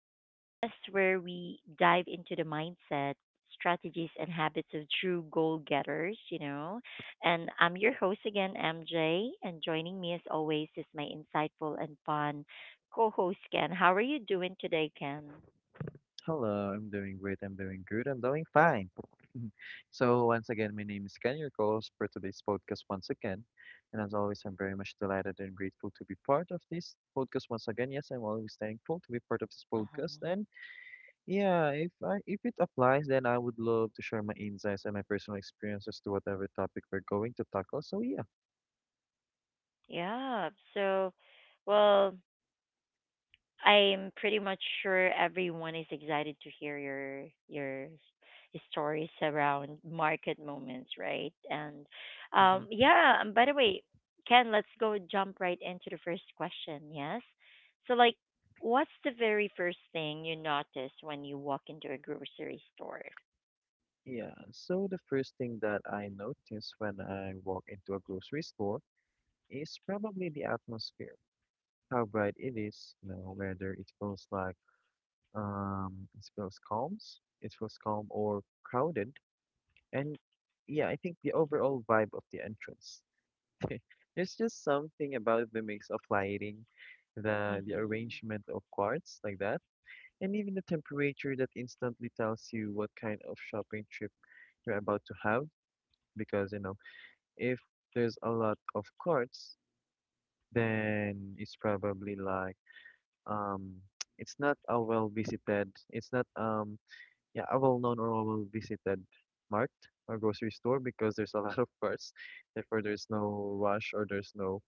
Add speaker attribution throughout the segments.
Speaker 1: the podcast where we dive into the mindset, strategies, and habits of true goal getters, And I'm your host again, MJ, and joining me as always is my insightful and fun co host, Ken. How are you doing today, Ken?
Speaker 2: Hello, I'm doing great. I'm doing good. I'm doing fine. So, once again, my name is Ken, your co host for today's podcast once again. And as always, I'm very much delighted and grateful to be part of this podcast once again. Yes, I'm always thankful to be part of this podcast.
Speaker 1: Um,
Speaker 2: And yeah, if it applies, then I would love to share my insights and my personal experiences to whatever topic we're going to tackle. So, yeah.
Speaker 1: yeah, so, well. I'm pretty much sure everyone is excited to hear your stories around market moments, right? And
Speaker 2: Mhm.
Speaker 1: yeah. And by the way, Ken, let's go jump right into the first question. Yes. So, what's the very first thing you notice when you walk into a grocery store?
Speaker 2: Yeah, so the first thing that I notice when I walk into a grocery store is probably the atmosphere, how bright it is, you know, whether it feels like it feels calms, it feels calm or crowded. And yeah, I think the overall vibe of the entrance. There's just something about the mix of lighting, the
Speaker 1: Mm-hmm.
Speaker 2: arrangement of quartz like that, and even the temperature that instantly tells you what kind of shopping trip you're about to have. Because, you know, if there's a lot of quartz, then it's probably like um it's not a well visited, it's not yeah a well known or a well visited mart or grocery store because there's a lot of cars, therefore there's no rush or there's no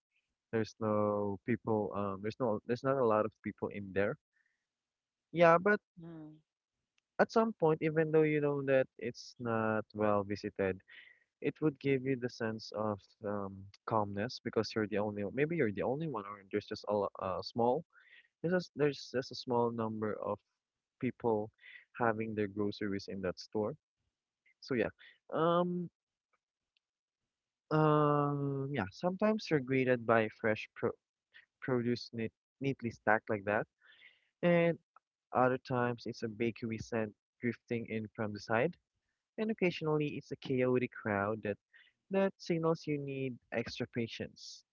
Speaker 2: there's no people, there's not a lot of people in there, yeah. But at some point, even though you know that it's not well visited, it would give you the sense of um, calmness because you're the only maybe you're the only one, or there's just a, lo- a small there's just a small number of people having their groceries in that store. So yeah, um, yeah. Sometimes they're graded by fresh produce neatly stacked like that,
Speaker 1: Mm-hmm.
Speaker 2: and other times it's a bakery scent drifting in from the side, and occasionally it's a chaotic crowd that signals you need extra patience.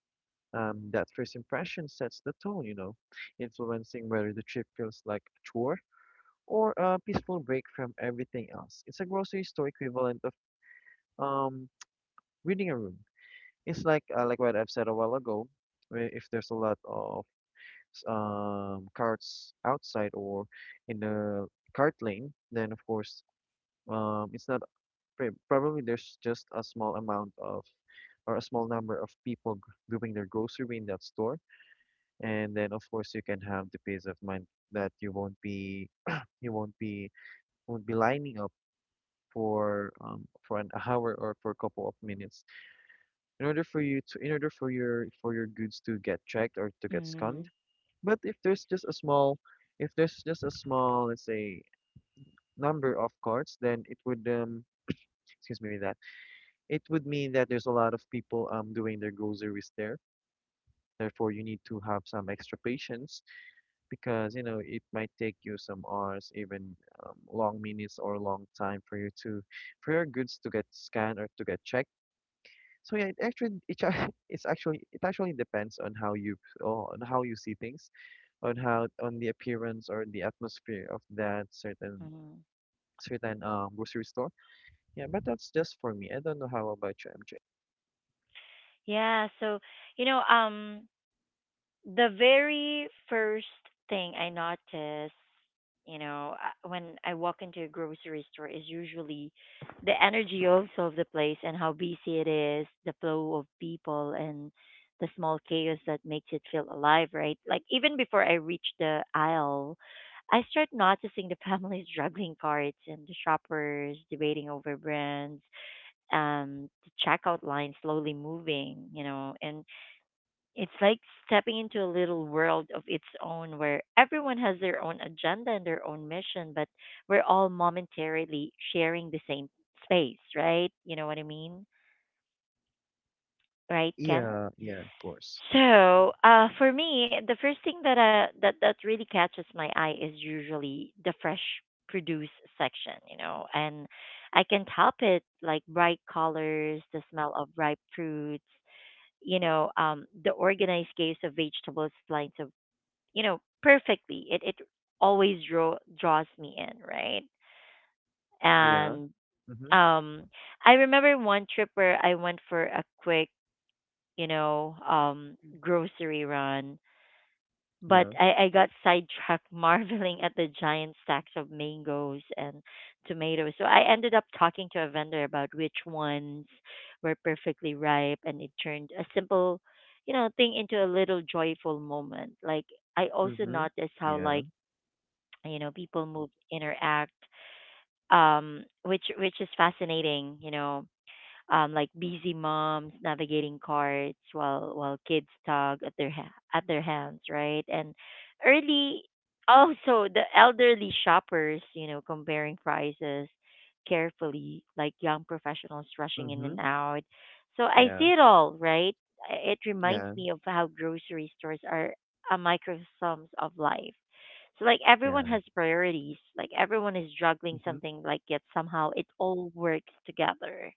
Speaker 2: That first impression sets the tone, you know, influencing whether the trip feels like a chore or a peaceful break from everything else. It's a grocery store equivalent of Um, reading a room. It's like what I've said a while ago, where if there's a lot of carts outside or in the cart lane, then of course it's not probably there's just a small amount of, or a small number of people doing their grocery in that store, and then of course you can have the peace of mind that you won't be you won't be lining up for an hour or for a couple of minutes in order for you to, in order for your goods to get checked or to get
Speaker 1: Mm-hmm.
Speaker 2: scanned. But if there's just a small, if there's just a small, let's say, number of carts, then it would excuse me with that. It would mean that there's a lot of people doing their groceries there. Therefore, you need to have some extra patience because you know it might take you some hours, even long minutes or long time for you to, for your goods to get scanned or to get checked. So yeah, it actually it, ac- it's actually, it actually depends on how you, oh, on how you see things, on how, on the appearance or the atmosphere of that certain grocery store. Yeah, but that's just for me. I don't know how about you, MJ.
Speaker 1: Yeah. So you know, um. the very first thing I notice, when I walk into a grocery store is usually the energy also of the place and how busy it is, the flow of people and the small chaos that makes it feel alive, right? Like even before I reach the aisle, I start noticing the families juggling carts and the shoppers debating over brands, the checkout line slowly moving, and it's like stepping into a little world of its own where everyone has their own agenda and their own mission, but we're all momentarily sharing the same space, right? You know what I mean? Right, Ken?
Speaker 2: Yeah, yeah, of course.
Speaker 1: So, for me, the first thing that really catches my eye is usually the fresh produce section, and I can't help it, like bright colors, the smell of ripe fruits, the organized case of vegetables lines of, perfectly. It always draw draws me in, right?
Speaker 2: Yeah.
Speaker 1: And
Speaker 2: Mm-hmm.
Speaker 1: um I remember one trip where I went for a quick,
Speaker 2: Mm-hmm.
Speaker 1: grocery run, but
Speaker 2: Yeah.
Speaker 1: I got sidetracked marveling at the giant stacks of mangoes and tomatoes. So I ended up talking to a vendor about which ones were perfectly ripe and it turned a simple, thing into a little joyful moment. Like I also
Speaker 2: Mm-hmm.
Speaker 1: noticed how
Speaker 2: Yeah.
Speaker 1: people move interact which is fascinating like busy moms navigating carts while kids tug at their hands, right? And early also the elderly shoppers, comparing prices carefully, like young professionals rushing in
Speaker 2: Mm-hmm.
Speaker 1: and out. So I
Speaker 2: Yeah.
Speaker 1: see it all, right? It reminds
Speaker 2: Yeah.
Speaker 1: me of how grocery stores are a microcosm of life. So like everyone
Speaker 2: Yeah.
Speaker 1: has priorities, like everyone is juggling
Speaker 2: Mm-hmm.
Speaker 1: something, like yet somehow it all works together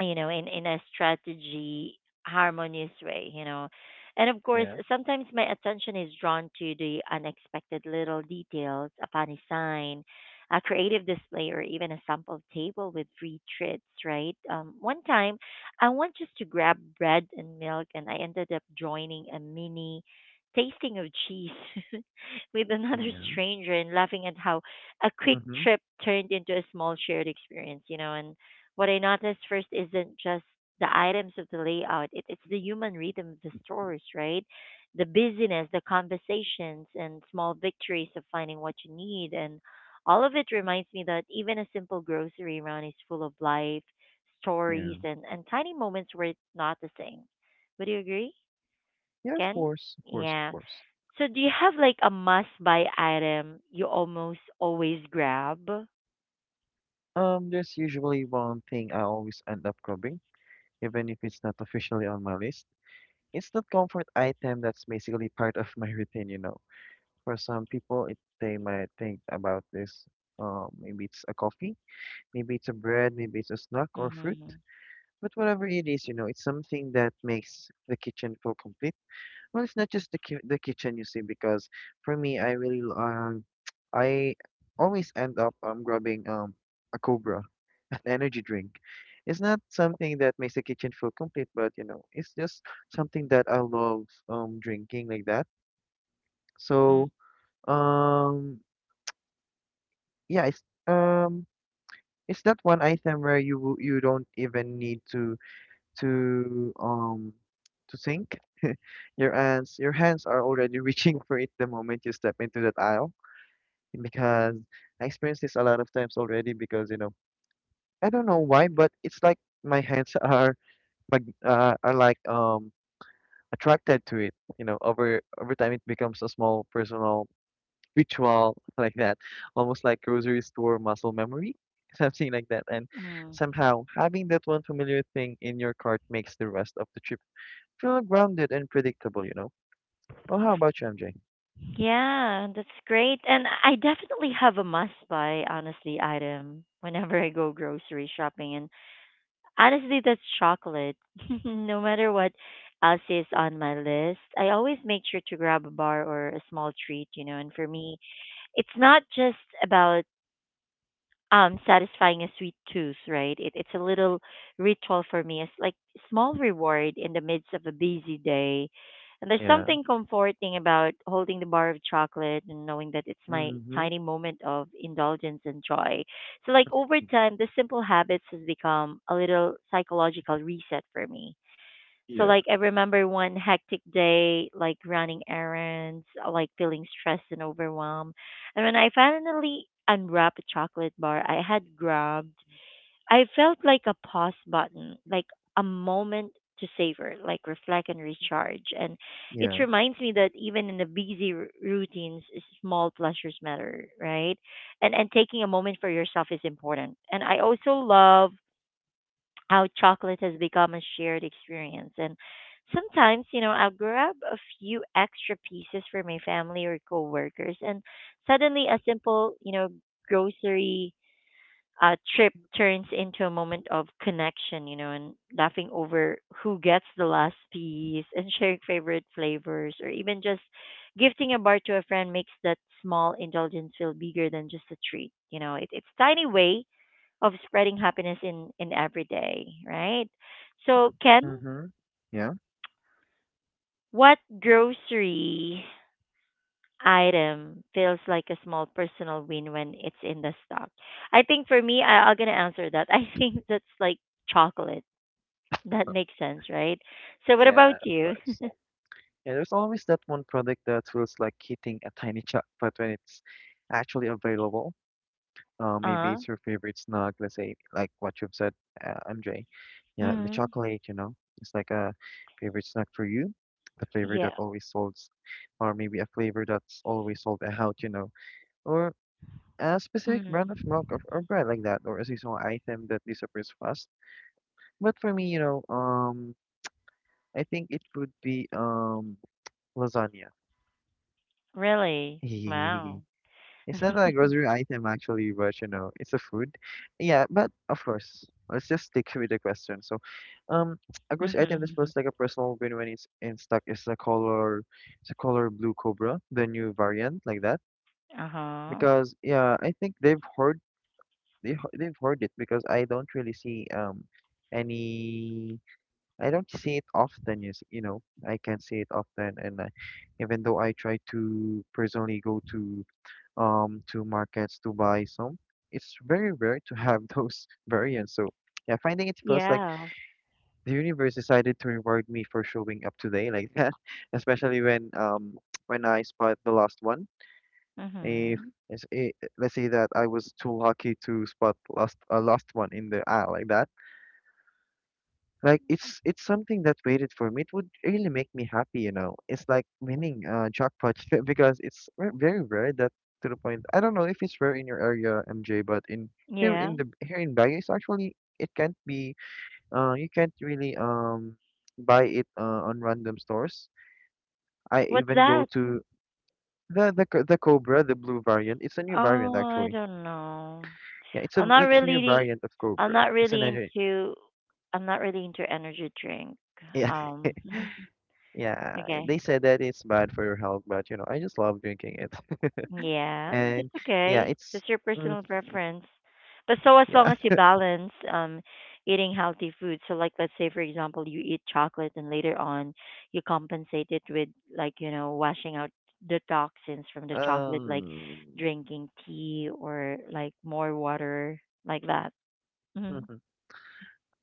Speaker 1: in a strategy harmonious way, And of course,
Speaker 2: Yeah.
Speaker 1: sometimes my attention is drawn to the unexpected little details, a funny sign, a creative display, or even a sample table with free treats, right? One time, I went just to grab bread and milk, and I ended up joining a mini tasting of cheese with another
Speaker 2: Yeah.
Speaker 1: stranger and laughing at how a quick
Speaker 2: Mm-hmm.
Speaker 1: trip turned into a small shared experience, And what I noticed first isn't just the items of the layout, it's the human rhythm of the stores, right? The busyness, the conversations, and small victories of finding what you need. And all of it reminds me that even a simple grocery run is full of life, stories,
Speaker 2: Yeah.
Speaker 1: and tiny moments worth noticing. Would you agree,
Speaker 2: Yeah, of
Speaker 1: Ken?
Speaker 2: course. Of course. Of
Speaker 1: Yeah.
Speaker 2: course.
Speaker 1: So, do you have like a must buy item you almost always grab?
Speaker 2: There's usually one thing I always end up grabbing, even if it's not officially on my list. Instant comfort item that's basically part of my routine, you know. For some people, they might think about this. Maybe it's a coffee, maybe it's a bread, maybe it's a snack or fruit.
Speaker 1: Mm-hmm.
Speaker 2: But whatever it is, you know, it's something that makes the kitchen feel complete. Well, it's not just the kitchen, you see, because for me, I really I always end up grabbing a cobra energy drink. It's not something that makes the kitchen feel complete, but you know, it's just something that I love drinking like that. So um yeah, um it's that one item where you don't even need to to um to think. Your hands are already reaching for it the moment you step into that aisle because I experienced this a lot of times already, because you know I don't know why, but it's like my hands are are like attracted to it. You know, over time it becomes a small personal ritual like that, almost like grocery store muscle memory, something like that. And
Speaker 1: Mm-hmm.
Speaker 2: somehow having that one familiar thing in your cart makes the rest of the trip feel grounded and predictable, you know. Oh, how about you, MJ?
Speaker 1: Yeah, that's great. And I definitely have a must buy, honestly, item whenever I go grocery shopping. And honestly, that's chocolate. No matter what else is on my list, I always make sure to grab a bar or a small treat, And for me, it's not just about satisfying a sweet tooth, right? It's a little ritual for me. It's like small reward in the midst of a busy day. And there's
Speaker 2: Yeah.
Speaker 1: something comforting about holding the bar of chocolate and knowing that it's my
Speaker 2: Mm-hmm.
Speaker 1: tiny moment of indulgence and joy. So like over time, the simple habits has become a little psychological reset for me. So
Speaker 2: Yeah.
Speaker 1: like I remember one hectic day, like running errands, like feeling stressed and overwhelmed. And when I finally unwrapped a chocolate bar I had grabbed, I felt like a pause button, like a moment to savor, like reflect and recharge. And it
Speaker 2: Yeah.
Speaker 1: reminds me that even in the routines, small pleasures matter, right? And taking a moment for yourself is important. And I also love how chocolate has become a shared experience. And sometimes, I'll grab a few extra pieces for my family or coworkers, and suddenly a simple, grocery trip turns into a moment of connection, and laughing over who gets the last piece and sharing favorite flavors, or even just gifting a bar to a friend makes that small indulgence feel bigger than just a treat. You know, it's tiny way of spreading happiness in every day, right? So, Ken,
Speaker 2: Mm-hmm. Yeah.
Speaker 1: what grocery item feels like a small personal win when it's in the stock? I think for me, I'm gonna answer that. I think that's like chocolate. That makes sense, right? So, what about
Speaker 2: Yeah, of
Speaker 1: you?
Speaker 2: course. Yeah, there's always that one product that feels like hitting a tiny jackpot when it's actually available. Maybe
Speaker 1: Uh,
Speaker 2: it's your favorite snack, let's say, like what you've said, MJ. Yeah, and the
Speaker 1: mm,
Speaker 2: chocolate, you know, it's like a favorite snack for you, the flavor that
Speaker 1: yeah.
Speaker 2: always solves, or maybe a flavor that's always sold out, you know, or a specific brand of
Speaker 1: Mm,
Speaker 2: milk, or bread like that, or a seasonal item that disappears fast. But for me, you know, I think it would be lasagna.
Speaker 1: really? Wow.
Speaker 2: It's not a grocery item actually, but you know, it's a food. Yeah, but of course, let's just stick with the question. So, um, a grocery item that
Speaker 1: Mm-hmm.
Speaker 2: feels like a personal win when it's in stock is a color, it's a color blue cobra, the new variant like that.
Speaker 1: Uh-huh.
Speaker 2: Because yeah, I think they've heard, they've heard it because I don't really see any I don't see it often. You see, you know, I can't see it often, and even though I try to personally go to markets to buy some. It's very rare to have those variants. So yeah, finding it feels like
Speaker 1: Yeah.
Speaker 2: the universe decided to reward me for showing up today like that, especially when when I spot the last one. If
Speaker 1: Mm-hmm.
Speaker 2: let's eh, let's say that I was too lucky to spot last a last one in the aisle like that, like it's something that waited for me. It would really make me happy, you know. It's like winning a jackpot because it's very rare that, to the point. I don't know if it's rare in your area, MJ, but in
Speaker 1: Yeah.
Speaker 2: here in Baguio, it's actually it can't be. You can't really buy it on random stores. I
Speaker 1: What's
Speaker 2: even go
Speaker 1: that?
Speaker 2: to the Cobra, the blue variant. It's a new variant
Speaker 1: Oh, I
Speaker 2: actually.
Speaker 1: don't know.
Speaker 2: Yeah,
Speaker 1: I'm not
Speaker 2: it's a new
Speaker 1: really
Speaker 2: variant of
Speaker 1: I'm
Speaker 2: Cobra.
Speaker 1: not
Speaker 2: It's an
Speaker 1: really into I'm not really into energy drink.
Speaker 2: yeah.
Speaker 1: Um
Speaker 2: Yeah,
Speaker 1: okay.
Speaker 2: they said that it's bad for your health, but you know, I just love drinking it.
Speaker 1: Yeah,
Speaker 2: And
Speaker 1: that's
Speaker 2: yeah,
Speaker 1: okay.
Speaker 2: it's
Speaker 1: That's your
Speaker 2: mm,
Speaker 1: personal preference. But so as long
Speaker 2: yeah.
Speaker 1: as you balance eating healthy food. So like let's say for example you eat chocolate and later on you compensate it with like, you know, washing out the toxins from the chocolate like
Speaker 2: Um,
Speaker 1: drinking tea or like more water like that.
Speaker 2: mhm.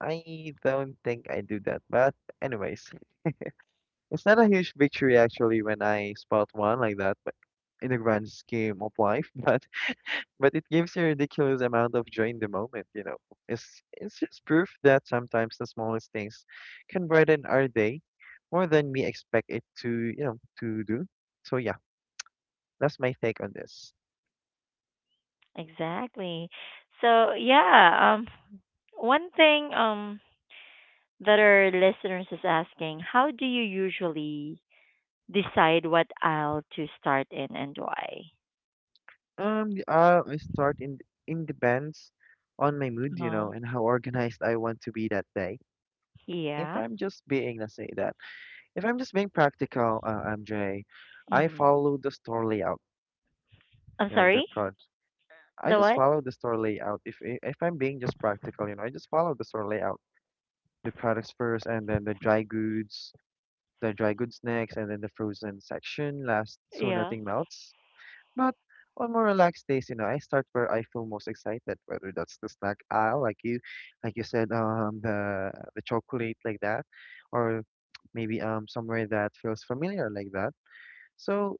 Speaker 2: I don't think I do that, but anyways, it's not a huge victory actually when I spot one like that, but in the grand scheme of life, but it gives you a ridiculous amount of joy in the moment, you know. It's just proof that sometimes the smallest things can brighten our day more than we expect it to, you know, to do. So yeah. That's my take on this.
Speaker 1: Exactly. So yeah, one thing that our listeners is asking, how do you usually decide what aisle to start in and why?
Speaker 2: I start in, depends on my mood, you
Speaker 1: Uh,
Speaker 2: know, and how organized I want to be that day. If
Speaker 1: yeah.
Speaker 2: I'm just being, let's say that, if I'm just being practical, MJ, I
Speaker 1: Mm.
Speaker 2: follow the store layout,
Speaker 1: I'm
Speaker 2: you know, the
Speaker 1: sorry.
Speaker 2: pro. I
Speaker 1: The
Speaker 2: just
Speaker 1: what?
Speaker 2: follow the store layout. If I'm being just practical, you know, I just follow the store layout. The products first, and then the dry goods, next, and then the frozen section last, so
Speaker 1: Yeah.
Speaker 2: nothing melts. But on more relaxed days, you know, I start where I feel most excited, whether that's the snack aisle, like you said, the chocolate like that, or maybe somewhere that feels familiar like that. So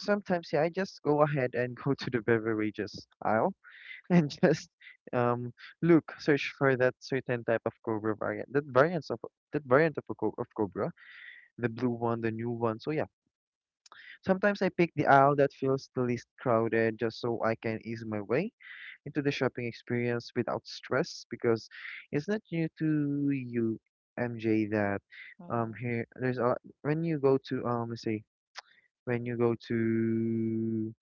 Speaker 2: sometimes, yeah, I just go ahead and go to the beverages aisle and just um look, search for that certain type of Cobra variant, that variant of Cobra, the blue one, the new one. So yeah. Sometimes I pick the aisle that feels the least crowded just so I can ease my way into the shopping experience without stress, because it's not new to you, MJ, that
Speaker 1: Mhm.
Speaker 2: here there's a when you go to let's say when you go to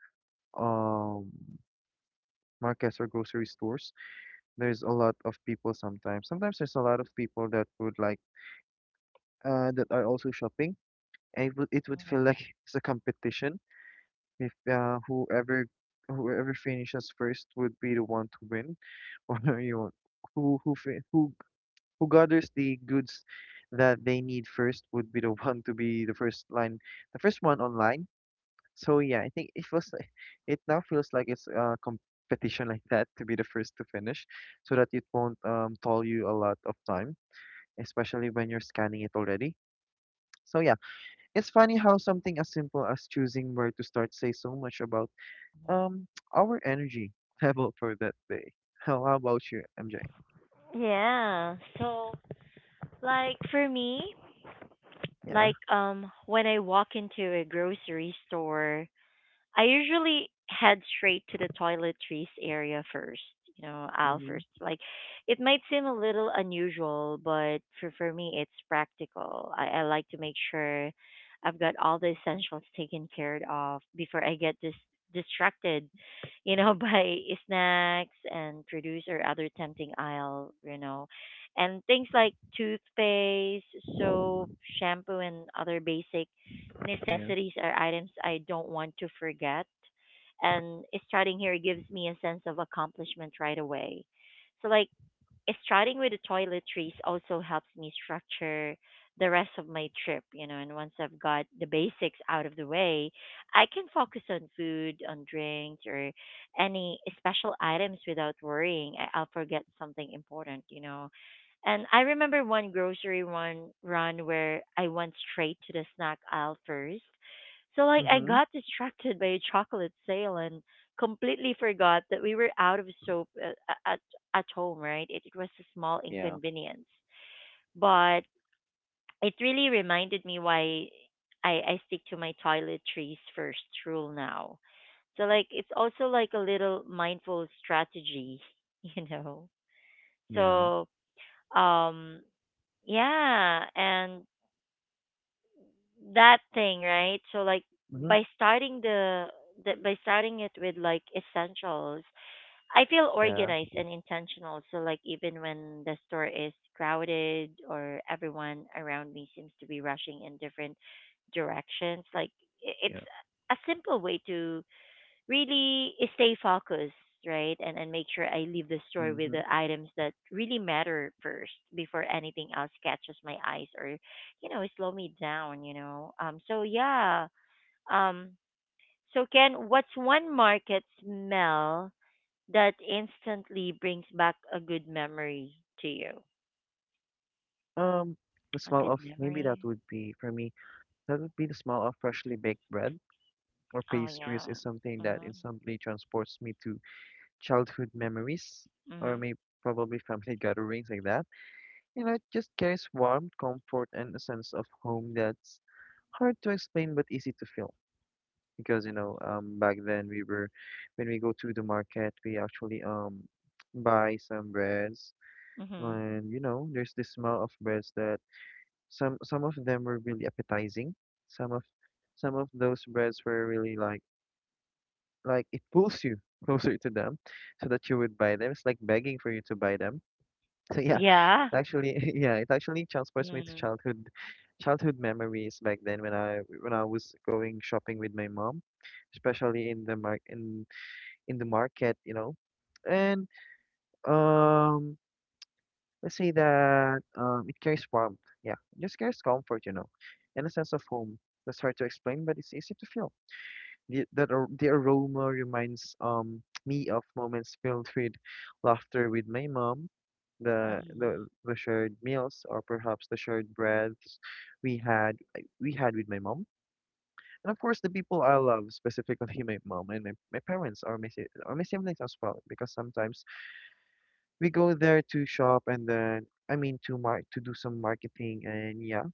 Speaker 2: um markets or grocery stores, there's a lot of people sometimes. Sometimes there's a lot of people that would like that are also shopping, and it would feel
Speaker 1: Mhm.
Speaker 2: like it's a competition. If Whoever finishes first would be the one to win, or you want who who gathers the goods that they need first would be the one to be the first line, the first one online. So yeah, I think it was like- it now feels like it's a competition like that, to be the first to finish, so that it won't toll you a lot of time, especially when you're scanning it already. So yeah, it's funny how something as simple as choosing where to start says so much about um, our energy level for that day. How about you, MJ?
Speaker 1: Yeah. So like for me,
Speaker 2: Yeah.
Speaker 1: like when I walk into a grocery store, I usually head straight to the toiletries area first, aisle
Speaker 2: Mm-hmm.
Speaker 1: first. Like, it might seem a little unusual, but for me, it's practical. I like to make sure I've got all the essentials taken care of before I get distracted, by snacks and produce or other tempting aisle, And things like toothpaste, soap, shampoo, and other basic
Speaker 2: Yeah.
Speaker 1: necessities are items I don't want to forget. And starting here gives me a sense of accomplishment right away. So, like, starting with the toiletries also helps me structure the rest of my trip, and once I've got the basics out of the way, I can focus on food, on drinks, or any special items without worrying I'll forget something important, And I remember one grocery one run where I went straight to the snack aisle first. So like I
Speaker 2: Mm-hmm.
Speaker 1: got distracted by a chocolate sale and completely forgot that we were out of soap at home, right? It was a small
Speaker 2: Yeah.
Speaker 1: inconvenience, but it really reminded me why I stick to my toiletries first rule now. So like it's also like a little mindful strategy, you know.
Speaker 2: Yeah.
Speaker 1: So um yeah, and that thing, right? So like
Speaker 2: Mm-hmm.
Speaker 1: by starting the, by starting it with like essentials I feel
Speaker 2: Yeah.
Speaker 1: organized and intentional. So like even when the store is crowded or everyone around me seems to be rushing in different directions, like it's
Speaker 2: Yeah.
Speaker 1: a simple way to really stay focused, right? And make sure I leave the store with
Speaker 2: Mm-hmm.
Speaker 1: the items that really matter first before anything else catches my eyes or, slow me down, So yeah. Um so Ken, what's one market smell that instantly brings back a good memory to you?
Speaker 2: Um, the
Speaker 1: A
Speaker 2: smell
Speaker 1: good
Speaker 2: of maybe that
Speaker 1: memory?
Speaker 2: would be for me, that would be the smell of freshly baked bread or
Speaker 1: Oh
Speaker 2: pastries
Speaker 1: yeah.
Speaker 2: is something that
Speaker 1: Mhm.
Speaker 2: instantly transports me to childhood memories, or
Speaker 1: Mhm.
Speaker 2: maybe probably family gatherings like that. You know, it just carries warmth, comfort, and a sense of home that's hard to explain but easy to feel. Because you know, back then we were, when we go to the market we actually buy some breads,
Speaker 1: Mhm.
Speaker 2: and you know there's the smell of breads that some of them were really appetizing. Some of those breads were really like it pulls you closer to them so that you would buy them, it's like begging for you to buy them. So yeah,
Speaker 1: Yeah.
Speaker 2: it actually yeah it actually transports me to
Speaker 1: Mhm.
Speaker 2: childhood memories back then, when I was going shopping with my mom, especially in the mar in the market, you know. And um, let's say that it carries warmth. Yeah, it just carries comfort, you know, and a sense of home. That's hard to explain, but it's easy to feel. The aroma reminds me of moments filled with laughter with my mom,
Speaker 1: Mhm.
Speaker 2: the shared meals, or perhaps the shared breaths we had with my mom, and of course the people I love, specifically my mom and my parents, or my siblings as well, because sometimes we go there to shop and then I mean to mar to do some marketing, and yeah,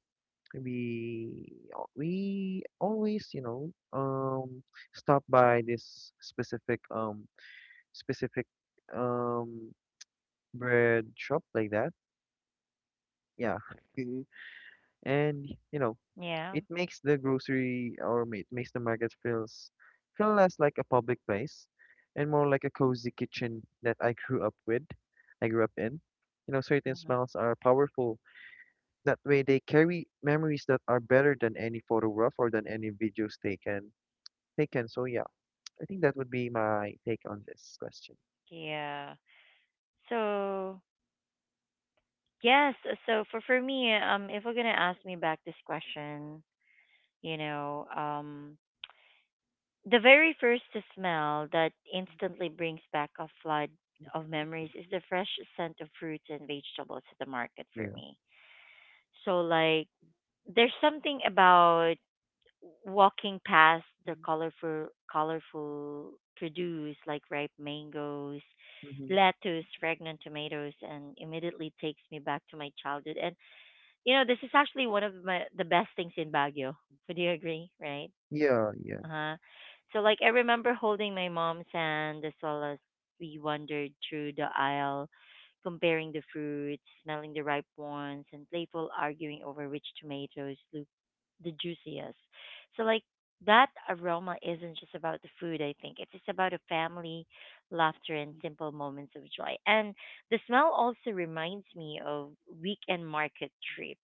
Speaker 2: we always, you know, stop by this specific, specific um bread shop like that. Yeah. And you know,
Speaker 1: Yeah.
Speaker 2: it makes the grocery, or it makes the market feel less like a public place and more like a cozy kitchen that I grew up with, I grew up in. You know, certain
Speaker 1: Mhm.
Speaker 2: smells are powerful. That way, they carry memories that are better than any photograph or than any videos taken. So yeah, I think that would be my take on this question.
Speaker 1: Yeah. So yes. So for me, if we're gonna ask me back this question, you know, um, the very first smell that instantly brings back a flood of memories is the fresh scent of fruits and vegetables at the market for
Speaker 2: Yeah.
Speaker 1: me. So like there's something about walking past the colorful produce like ripe mangoes,
Speaker 2: Mm-hmm.
Speaker 1: lettuce, fragrant tomatoes and immediately takes me back to my childhood. And you know, this is actually one of my, the best things in Baguio. Would you agree, right?
Speaker 2: Yeah, yeah.
Speaker 1: Uh-huh. So like I remember holding my mom's hand as well as we wandered through the aisle, comparing the fruits, smelling the ripe ones, and playful arguing over which tomatoes look the juiciest. So like that aroma isn't just about the food, I think. It's just about a family, laughter, and simple moments of joy. And the smell also reminds me of weekend market trip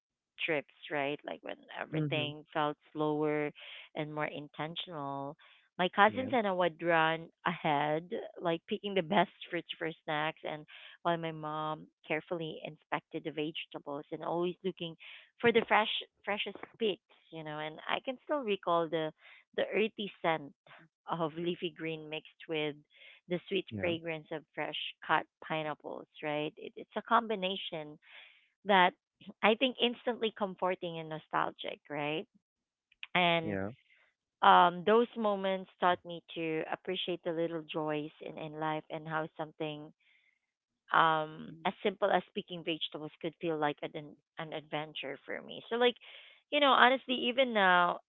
Speaker 1: trips, right? Like when
Speaker 2: Mm-hmm.
Speaker 1: everything felt slower and more intentional. My
Speaker 2: Yeah,
Speaker 1: cousins and I would run ahead, like picking the best fruits for snacks, and while my mom carefully inspected the vegetables and always looking for the freshest picks, you know. And I can still recall the earthy scent of leafy green mixed with the sweet
Speaker 2: yeah,
Speaker 1: fragrance of fresh cut pineapples. Right, it's a combination that I think instantly comforting and nostalgic. Right, and
Speaker 2: yeah.
Speaker 1: those moments taught me to appreciate the little joys in life and how something as simple as picking vegetables could feel like an adventure for me. So, like, you know, honestly, even now,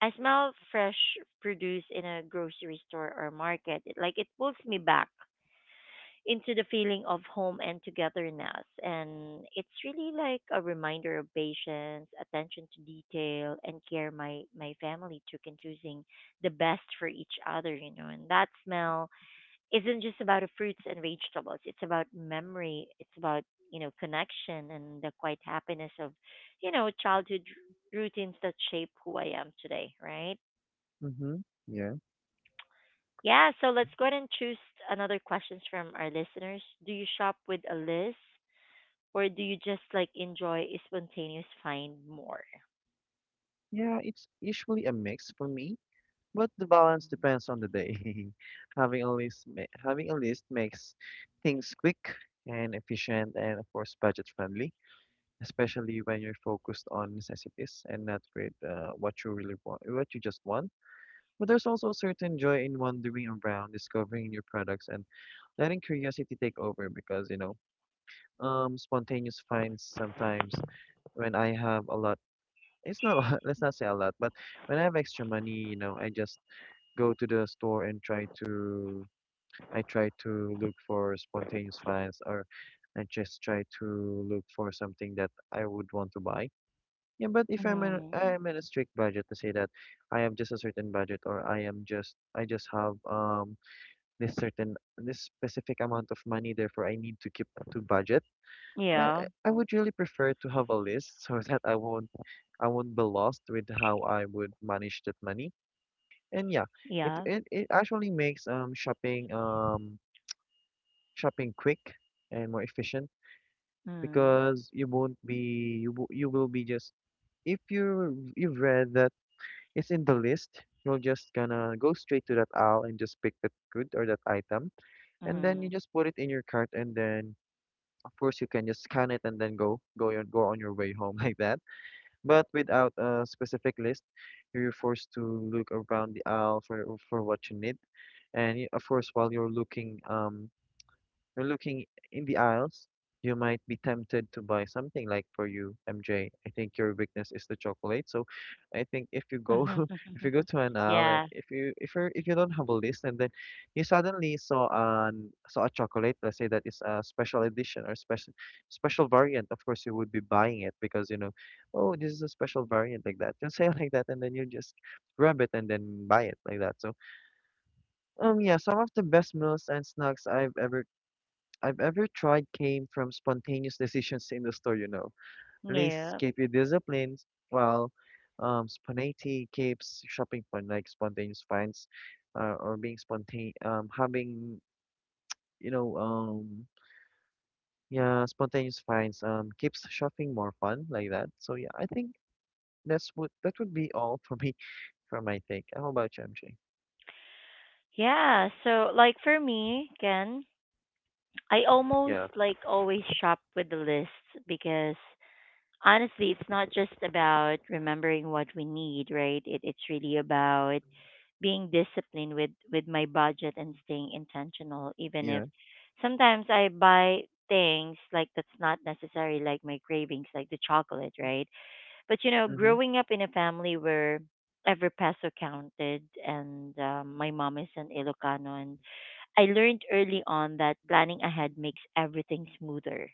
Speaker 1: I smell fresh produce in a grocery store or market. It, like, it pulls me back into the feeling of home and togetherness. And it's really like a reminder of patience, attention to detail, and care my family took in choosing the best for each other, you know. And that smell isn't just about the fruits and vegetables, it's about memory, it's about, connection and the quiet happiness of, childhood routines that shape who I am today, right?
Speaker 2: Mm-hmm. Yeah.
Speaker 1: Yeah, so let's go ahead and choose another questions from our listeners. Do you shop with a list or do you just like enjoy spontaneous find more?
Speaker 2: Yeah, it's usually a mix for me, but the balance
Speaker 1: Mhm.
Speaker 2: depends on the day. Having a list makes things quick and efficient, and of course budget friendly, especially when you're focused on necessities and not with what you really want, what you just want. But there's also a certain joy in wandering around, discovering new products, and letting curiosity take over, because, you know, spontaneous finds sometimes when I have a lot. It's not a lot, let's not say a lot, but when I have extra money, you know, I just go to the store and I try to look for spontaneous finds, or I just try to look for something that I would want to buy. Yeah, but if
Speaker 1: Mm.
Speaker 2: I'm in a strict budget, to say that I have just a certain budget, or I just have this certain, this specific amount of money, therefore I need to keep to budget.
Speaker 1: Yeah.
Speaker 2: I would really prefer to have a list, so that I won't be lost with how I would manage that money. And yeah,
Speaker 1: Yeah.
Speaker 2: it actually makes shopping, shopping quick and more efficient,
Speaker 1: Mm.
Speaker 2: because you won't be, you will be just, if you you've read is in the list, you are just gonna go straight to that aisle and just pick that good or that item, and then you
Speaker 1: Mm.
Speaker 2: just put it in your cart, and then of course you can just scan it and then go on your way home like that. But without a specific list, you're forced to look around the aisle for what you need, and of course while you're looking in the aisles, you might be tempted to buy something, like for you, MJ. I think your weakness is the chocolate. So I think if you go, if you go to an aisle and
Speaker 1: Yeah.
Speaker 2: if you don't have a list, and then you suddenly saw a chocolate, let's say that is a special edition, or special variant, of course you would be buying it because you know, oh, this is a special variant like that. You'll say it like that, and then you just grab it and then buy it like that. So yeah, some of the best meals and snacks I've ever tried came from spontaneous decisions in the store, you know. Lists
Speaker 1: Yeah.
Speaker 2: keep you disciplined, while spontaneity keeps shopping fun, like spontaneous finds, or being spontane, having, you know, yeah, spontaneous finds keeps shopping more fun, like that. So yeah, I think that's what that would be all for me, for my take. How about you, MJ?
Speaker 1: Yeah. So like for me, Ken, I almost
Speaker 2: Yeah,
Speaker 1: like always shop with the list because honestly it's not just about remembering what we need, right? It's really about being disciplined with my budget and staying intentional even if
Speaker 2: yeah,
Speaker 1: sometimes I buy things like that's not necessary, like my cravings, like the chocolate, right? But you know,
Speaker 2: mm-hmm,
Speaker 1: growing up in a family where every peso counted, and my mom is an Ilocano, and I learned early on that planning ahead makes everything smoother.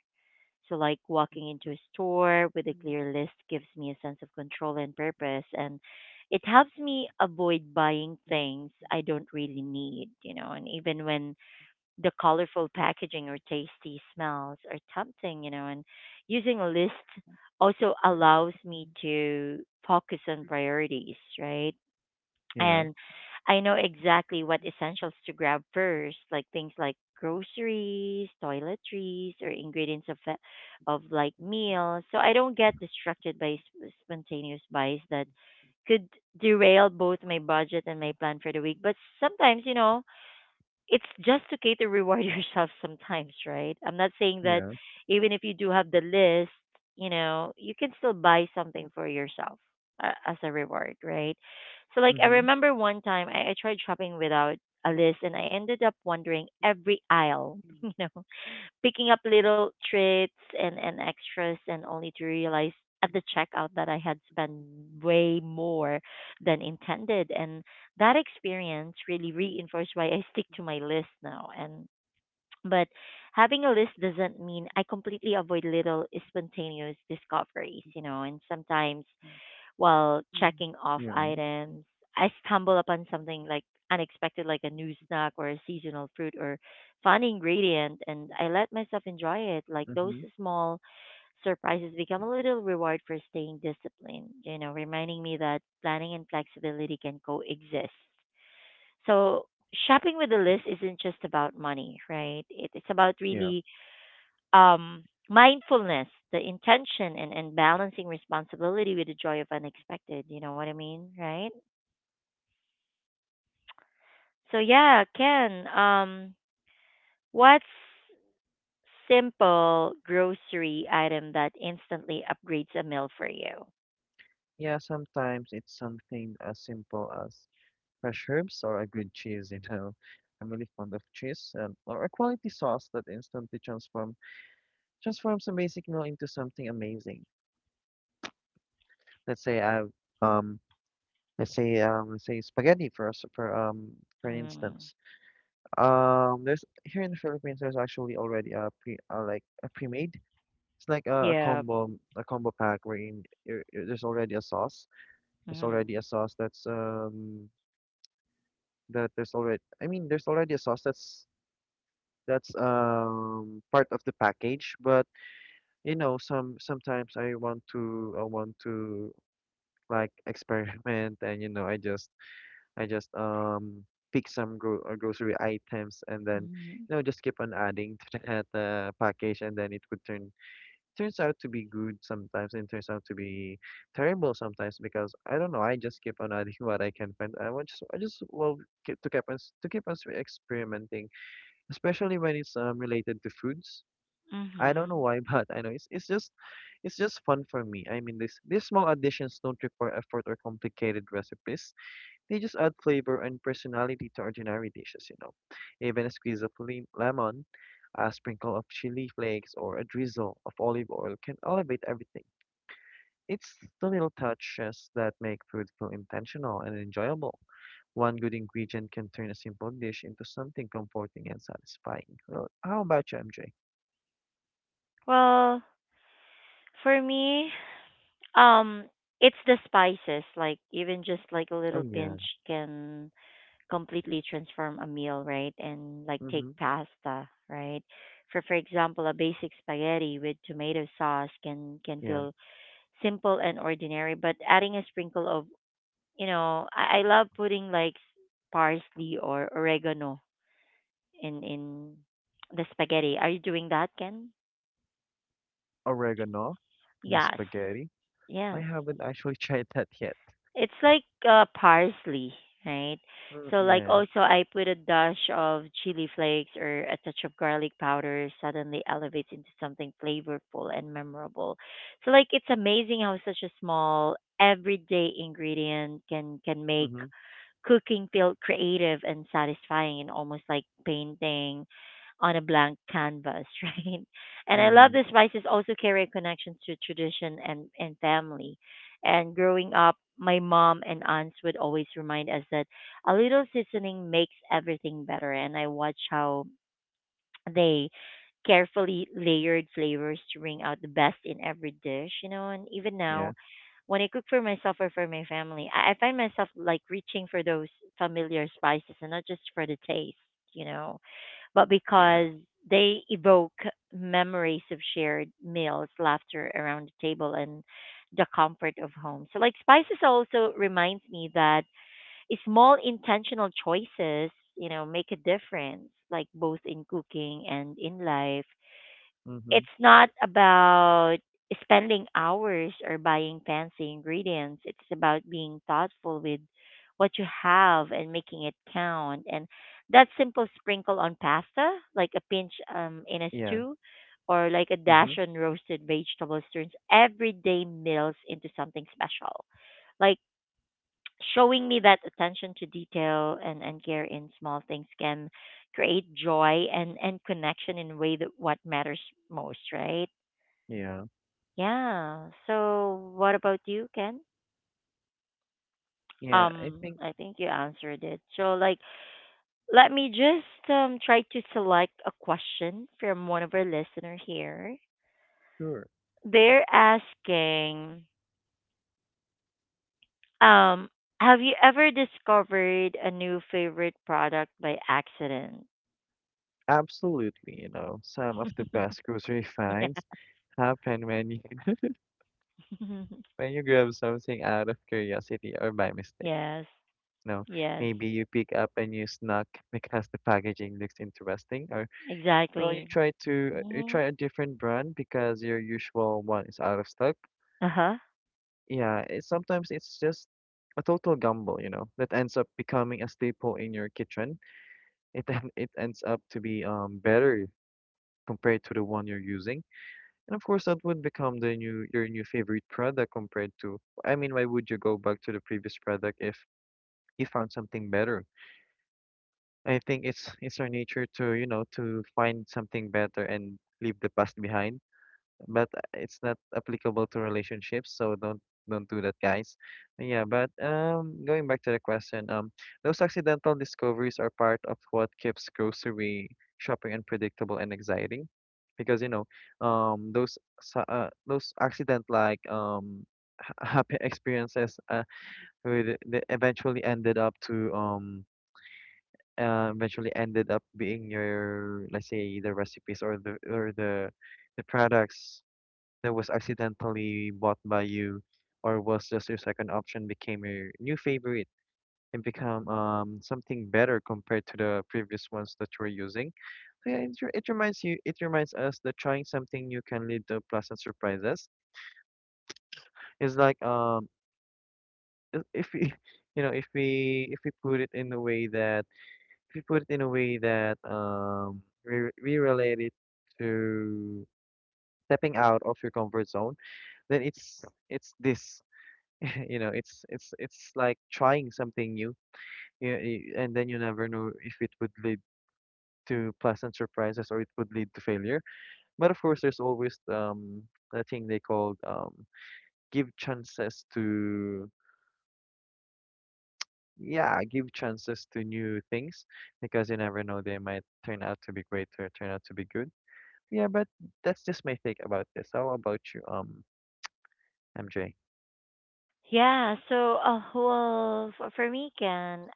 Speaker 1: So, like, walking into a store with a clear list gives me a sense of control and purpose, and it helps me avoid buying things I don't really need, you know. And even when the colorful packaging or tasty smells are tempting, you know, and using a list also allows me to focus on priorities, right?
Speaker 2: yeah,
Speaker 1: And I know exactly what essentials to grab first, like things like groceries, toiletries, or ingredients of of like meals. So I don't get distracted by spontaneous buys that could derail both my budget and my plan for the week. But sometimes, you know, it's just okay to reward yourself sometimes, right? I'm not saying that
Speaker 2: yeah,
Speaker 1: even if you do have the list, you know, you can still buy something for yourself as a reward, right? So, like, I
Speaker 2: mm-hmm,
Speaker 1: remember one time I tried shopping without a list and I ended up wandering every aisle, you know, picking up little treats and extras, and only to realize at the checkout that I had spent way more than intended. And that experience really reinforced why I stick to my list now. And but having a list doesn't mean I completely avoid little spontaneous discoveries, you know, and sometimes while checking off
Speaker 2: yeah,
Speaker 1: items. I stumble upon something like unexpected, like a new snack or a seasonal fruit or fun ingredient, and I let myself enjoy it. Like those
Speaker 2: mm-hmm,
Speaker 1: small surprises become a little reward for staying disciplined, you know, reminding me that planning and flexibility can coexist. So, shopping with a list isn't just about money, right? It- It's about
Speaker 2: yeah.
Speaker 1: really mindfulness, the intention, and balancing responsibility with the joy of unexpected. You know what I mean, right? So yeah, Ken, what's simple grocery item that instantly upgrades a meal for you?
Speaker 2: Yeah, sometimes it's something as simple as fresh herbs or a good cheese, you know. I'm really fond of cheese, or a quality sauce that instantly transforms a basic meal into something amazing. Let's say I um let's say spaghetti, for us for
Speaker 1: Mm.
Speaker 2: instance. There's, here in the Philippines, there's actually already a pre like a pre-made. It's like
Speaker 1: Yeah.
Speaker 2: a combo pack, wherein you're— there's already a sauce. There's
Speaker 1: Mhm.
Speaker 2: already a sauce that's that there's already I mean there's already a sauce that's part of the package, but you know sometimes I want to like experiment, and you know I just pick some grocery items and then,
Speaker 1: Mhm.
Speaker 2: you know, just keep on adding to that package, and then it would turns out to be good sometimes, and turns out to be terrible sometimes, because I don't know, I just keep on adding what I can find, I just, keep on s- to keep on s- experimenting, especially when it's related to foods. I don't know
Speaker 1: Mhm.
Speaker 2: why, but I know it's just, it's just fun for me. I mean, this these small additions don't require effort or complicated recipes. They just add flavor and personality to ordinary dishes, you know. Even a squeeze of lemon, a sprinkle of chili flakes, or a drizzle of olive oil can elevate everything. It's the little touches that make food feel intentional and enjoyable. One good ingredient can turn a simple dish into something comforting and satisfying. Well, how about you, MJ?
Speaker 1: Well, for me, um, it's the spices. Like even just like a
Speaker 2: Oh
Speaker 1: little
Speaker 2: yeah.
Speaker 1: pinch can completely transform a meal, right? And like take
Speaker 2: Mm-hmm.
Speaker 1: pasta, right? For example, a basic spaghetti with tomato sauce can
Speaker 2: Yeah.
Speaker 1: feel simple and ordinary, but adding a sprinkle of, you know, I love putting like parsley or oregano in the spaghetti. Are you doing that, Ken?
Speaker 2: Oregano in the
Speaker 1: Yes.
Speaker 2: spaghetti. I
Speaker 1: Yes.
Speaker 2: haven't actually tried that yet.
Speaker 1: It's like parsley, right?
Speaker 2: Mm,
Speaker 1: So like
Speaker 2: yeah.
Speaker 1: also I put a dash of chili flakes or a touch of garlic powder suddenly elevates into something flavorful and memorable. So like it's amazing how such a small everyday ingredient can make
Speaker 2: Mm-hmm.
Speaker 1: cooking felt creative and satisfying and almost like painting on a blank canvas, right? And I love
Speaker 2: Mm-hmm.
Speaker 1: the spices also carry a connection to tradition and family. And growing up, my mom and aunts would always remind us that a little seasoning makes everything better. And I watch how they carefully layered flavors to bring out the best in every dish, you know. And even now,
Speaker 2: Yeah.
Speaker 1: when I cook for myself or for my family, I find myself like reaching for those familiar spices and not just for the taste, you know, but
Speaker 2: Yeah.
Speaker 1: because they evoke memories of shared meals, laughter around the table, and the comfort of home. So, like, spices also reminds me that small intentional choices, you know, make a difference, like both in cooking and in life.
Speaker 2: Mm-hmm.
Speaker 1: It's not about spending hours or buying fancy ingredients. It's about being thoughtful with what you have and making it count. And that simple sprinkle on pasta, like a pinch in a
Speaker 2: Yeah.
Speaker 1: stew, or like a
Speaker 2: Mm-hmm.
Speaker 1: dash on roasted vegetables turns everyday meals into something special. Like showing me that attention to detail and care in small things can create joy and connection in a way that what matters most, right?
Speaker 2: Yeah.
Speaker 1: Yeah. So what about you, Ken?
Speaker 2: Yeah. I think
Speaker 1: I think you answered it. So like let me just try to select a question from one of our listener here.
Speaker 2: sure.
Speaker 1: They're asking, um, have you ever discovered a new favorite product by accident?
Speaker 2: Absolutely, you know, some of the best grocery
Speaker 1: Yeah.
Speaker 2: finds happen when you, when you grab something out of curiosity or by mistake.
Speaker 1: Yes,
Speaker 2: No,
Speaker 1: yes,
Speaker 2: maybe you pick up a new snack because the packaging looks interesting, or oh,
Speaker 1: exactly.
Speaker 2: you
Speaker 1: Hmm.
Speaker 2: try a different brand because your usual one is out of stock.
Speaker 1: Uh huh.
Speaker 2: Yeah, it, sometimes it's just a total gamble, you know, that ends up becoming a staple in your kitchen. It ends up to be better compared to the one you're using, and of course that would become the new your new favorite product compared to. I mean, why would you go back to the previous product if you found something better? I think it's our nature to, you know, to find something better and leave the past behind. But it's not applicable to relationships, so don't do that, guys. Yeah, but going back to the question, those accidental discoveries are part of what keeps grocery shopping unpredictable and exciting, because those accident like happy experiences they eventually ended up to eventually ended up being your, let's say, the recipes or the the products that was accidentally bought by you, or was just your second option, became your new favorite and become something better compared to the previous ones that you were using. So yeah, it reminds you. It reminds us that trying something new can lead to pleasant surprises. It's like if we you know if we put it in a way that. If you put it in a way that we relate it to stepping out of your comfort zone, then you know, it's like trying something new, you know, and then you never know if it would lead to pleasant surprises, or it would lead to failure. But of course, there's always the thing they called, give chances to. Yeah, give chances to new things, because you never know, they might turn out to be great or turn out to be good. Yeah, but that's just my take about this. How about you, MJ?
Speaker 1: Yeah. So, well, for me, Ken,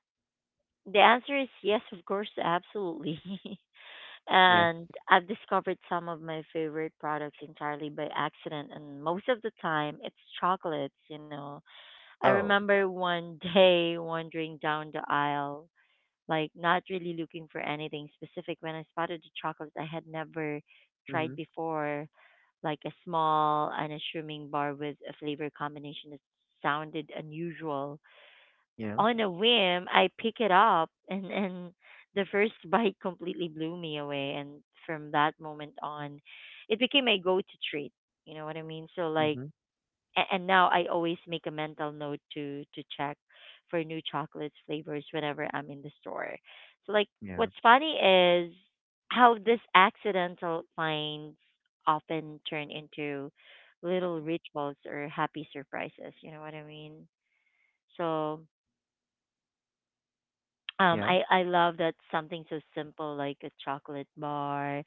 Speaker 1: the answer is yes, of course, absolutely.
Speaker 2: Yeah.
Speaker 1: And I've discovered some of my favorite products entirely by accident, and most of the time, it's chocolates. You know, I
Speaker 2: Oh.
Speaker 1: remember one day wandering down the aisle, like not really looking for anything specific, when I spotted a chocolate I had never
Speaker 2: Mm-hmm.
Speaker 1: tried before, like a small, unassuming bar with a flavor combination that sounded unusual.
Speaker 2: Yeah.
Speaker 1: On a whim, I pick it up, and the first bite completely blew me away. And from that moment on, it became my go-to treat. You know what I mean? So like
Speaker 2: Mm-hmm.
Speaker 1: and now I always make a mental note to check for new chocolates flavors whenever I'm in the store. So like
Speaker 2: Yeah.
Speaker 1: what's funny is how these accidental finds often turn into little rituals or happy surprises, you know what I mean? So um
Speaker 2: Yeah.
Speaker 1: I I love that something so simple like a chocolate bar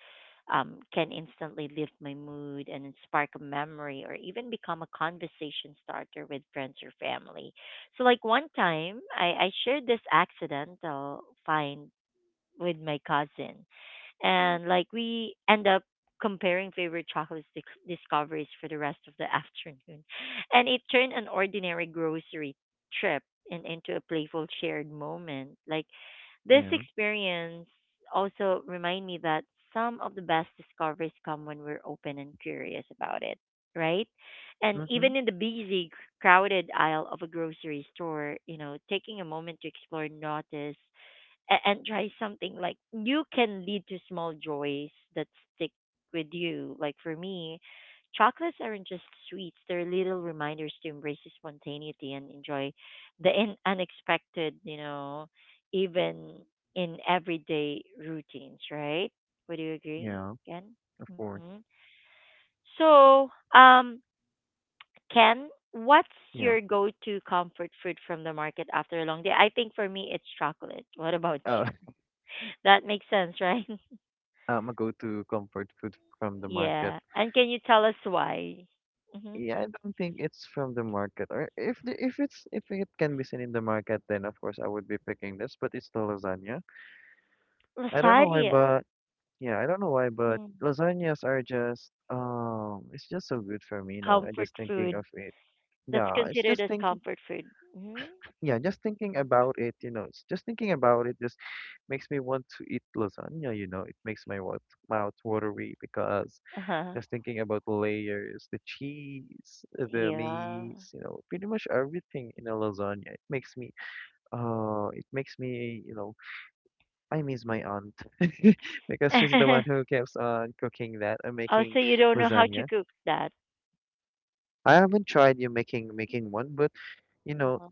Speaker 1: can instantly lift my mood and spark a memory or even become a conversation starter with friends or family. So like one time I shared this accidental find with my cousin and like we end up comparing favorite chocolate discoveries for the rest of the afternoon. And it turned an ordinary grocery trip into a playful shared moment. Like this
Speaker 2: Yeah.
Speaker 1: experience also remind me that some of the best discoveries come when we're open and curious about it, right? And
Speaker 2: Mm-hmm.
Speaker 1: even in the busy, crowded aisle of a grocery store, you know, taking a moment to explore, notice, and try something like you can lead to small joys that stick with you. Like for me, chocolates aren't just sweets, they're little reminders to embrace the spontaneity and enjoy the unexpected, you know, even in everyday routines, right? Would you agree,
Speaker 2: Yeah.
Speaker 1: Ken?
Speaker 2: Of
Speaker 1: Hmm.
Speaker 2: course.
Speaker 1: So, um, Ken, what's
Speaker 2: Yeah.
Speaker 1: your go to comfort food from the market after a long day? I think for me, it's chocolate. What about
Speaker 2: Oh,
Speaker 1: you? That makes sense, right?
Speaker 2: a go-to comfort food from the market.
Speaker 1: Yeah. And can you tell us why? Hmm.
Speaker 2: Yeah, I don't think it's from the market. Or if it's if it can be seen in the market, then of course I would be picking this. But it's the lasagna. I don't know why,
Speaker 1: Lasagna.
Speaker 2: but yeah, I don't know why, but
Speaker 1: Mm.
Speaker 2: lasagnas are just it's just so good for me. You know, I
Speaker 1: Comfort
Speaker 2: just thinking of
Speaker 1: food.
Speaker 2: it.
Speaker 1: That's
Speaker 2: Yeah,
Speaker 1: considered as comfort food. Hmm.
Speaker 2: yeah, just thinking about it, you know, it's just thinking about it just makes me want to eat lasagna. You know, it makes my mouth watery, because
Speaker 1: Uh-huh.
Speaker 2: just thinking about the layers, the cheese, the
Speaker 1: Yeah.
Speaker 2: meats, you know, pretty much everything in a lasagna. It makes me, you know, I miss my aunt because she's the one who keeps on cooking that and
Speaker 1: Oh,
Speaker 2: making
Speaker 1: so you don't know how to
Speaker 2: lasagna.
Speaker 1: cook that.
Speaker 2: I haven't tried you making one, but you know,
Speaker 1: Uh-huh.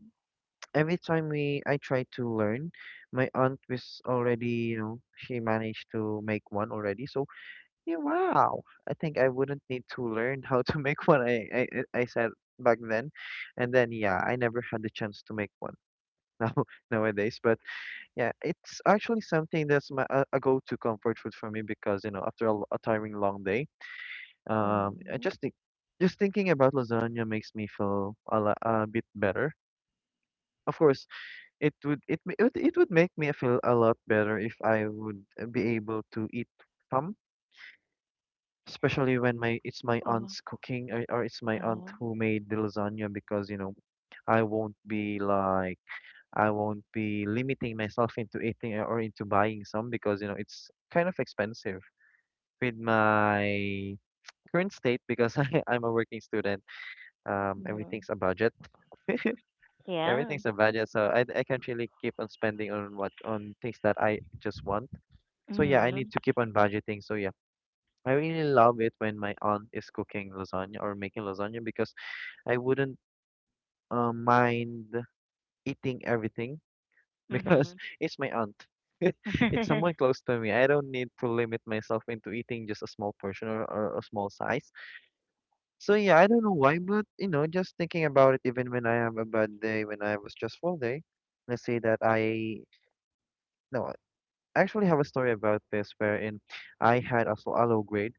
Speaker 2: every time we I try to learn, my aunt was already, you know, she managed to make one already. So yeah, wow. I think I wouldn't need to learn how to make one. I said back then, and then yeah, I never had the chance to make one. Now nowadays, but yeah, it's actually something that's my a go-to comfort food for me, because you know, after a tiring long day, I
Speaker 1: Um,
Speaker 2: just think just thinking about lasagna makes me feel a bit better. Of course, it would it ma- it would make me feel a lot better if I would be able to eat some, especially when my it's my
Speaker 1: oh,
Speaker 2: aunt's cooking, or it's my aunt
Speaker 1: uh-huh.
Speaker 2: who made the lasagna, because you know I won't be like, I won't be limiting myself into eating or into buying some, because you know it's kind of expensive with my current state, because I'm a working student.
Speaker 1: Mm.
Speaker 2: Everything's a budget.
Speaker 1: Yeah.
Speaker 2: Everything's a budget, so I can't really keep on spending on what on things that I just want. So yeah, I need
Speaker 1: Mm-hmm.
Speaker 2: to keep on budgeting. So yeah, I really love it when my aunt is cooking lasagna or making lasagna, because I wouldn't mind eating everything because
Speaker 1: Mm-hmm.
Speaker 2: it's my aunt. It's someone close to me. I don't need to limit myself into eating just a small portion, or a small size. So yeah, I don't know why, but you know, just thinking about it, even when I have a bad day, when I have a stressful day, let's say that I no, I actually have a story about this, wherein I had a so- a low grade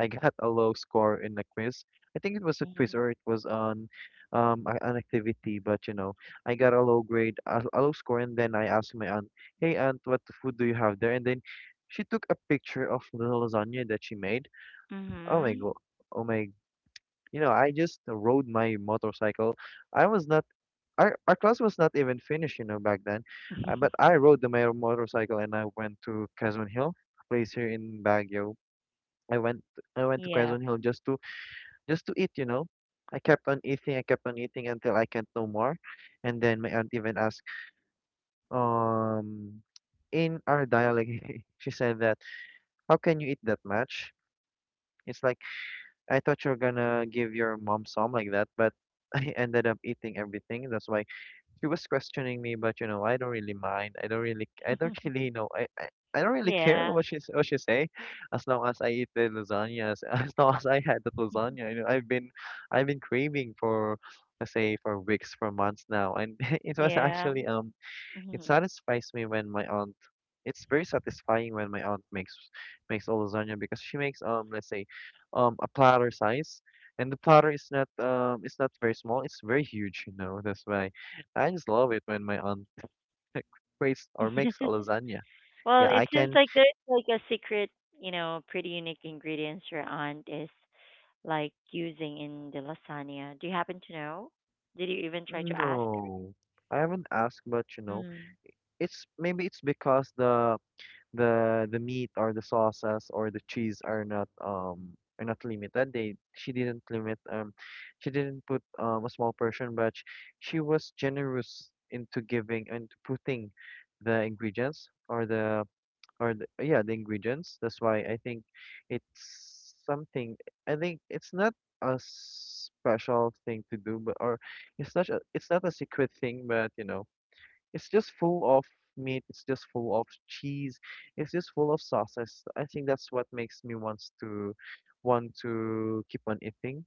Speaker 2: I got a low score in a quiz. I think it was a quiz
Speaker 1: Mm-hmm.
Speaker 2: or it was on an activity, but you know, I got a low grade, a low score, and then I asked my aunt, "Hey aunt, what food do you have there?" And then she took a picture of the lasagna that she made. Oh my
Speaker 1: Mm-hmm.
Speaker 2: god! Oh my! You know, I just rode my motorcycle. I was not. Our class was not even finished, you know, back then. But I rode the my motorcycle and I went to Quezon Hill, a place here in Baguio. I went I went to
Speaker 1: Yeah.
Speaker 2: Quezon Hill just to eat, you know. I kept on eating, I kept on eating until I can't no more. And then my aunt even asked, um, in our dialect, she said that, how can you eat that much? It's like, I thought you're gonna give your mom some like that, but I ended up eating everything. That's why she was questioning me, but you know, I don't really mind. I don't really know. I don't really care
Speaker 1: Yeah.
Speaker 2: what she say, as long as I eat the lasagna, as long as I had that lasagna. You know, I've been craving for, let's say, for weeks, for months now, and it was
Speaker 1: Yeah.
Speaker 2: actually it
Speaker 1: Mm-hmm.
Speaker 2: satisfies me when my aunt. It's very satisfying when my aunt makes a lasagna, because she makes let's say, a platter size, and the platter is not it's not very small. It's very huge, you know. That's why I just love it when my aunt creates or makes a lasagna.
Speaker 1: Well,
Speaker 2: Yeah,
Speaker 1: it
Speaker 2: I
Speaker 1: seems
Speaker 2: can.
Speaker 1: like there's like a secret, you know, pretty unique ingredients your aunt is like using in the lasagna. Do you happen to know? Did you even try to ask?
Speaker 2: No, I haven't asked, but you know,
Speaker 1: Mm.
Speaker 2: it's maybe it's because the meat or the sauces or the cheese are not limited. They she didn't limit she didn't put a small portion, but she was generous into giving and putting the ingredients or yeah the ingredients. That's why I think it's something. I think it's not a special thing to do, but or it's not it's not a secret thing, but you know. It's just full of meat, it's just full of cheese, it's just full of sauces. I think that's what makes me want to keep on eating.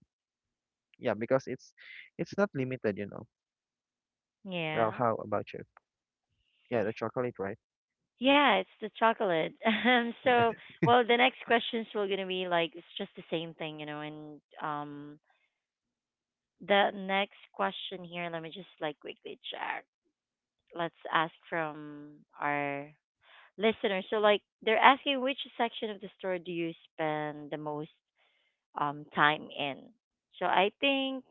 Speaker 2: Yeah, because it's not limited, you know. Well,
Speaker 1: Yeah.
Speaker 2: how about you? Yeah, the chocolate, right?
Speaker 1: Yeah, it's the chocolate.
Speaker 2: Yeah.
Speaker 1: So, well, the next questions were gonna be like it's just the same thing, you know. And the next question here, let me just like quickly check. Let's ask from our listeners. So, like, they're asking which section of the store do you spend the most time in. So I think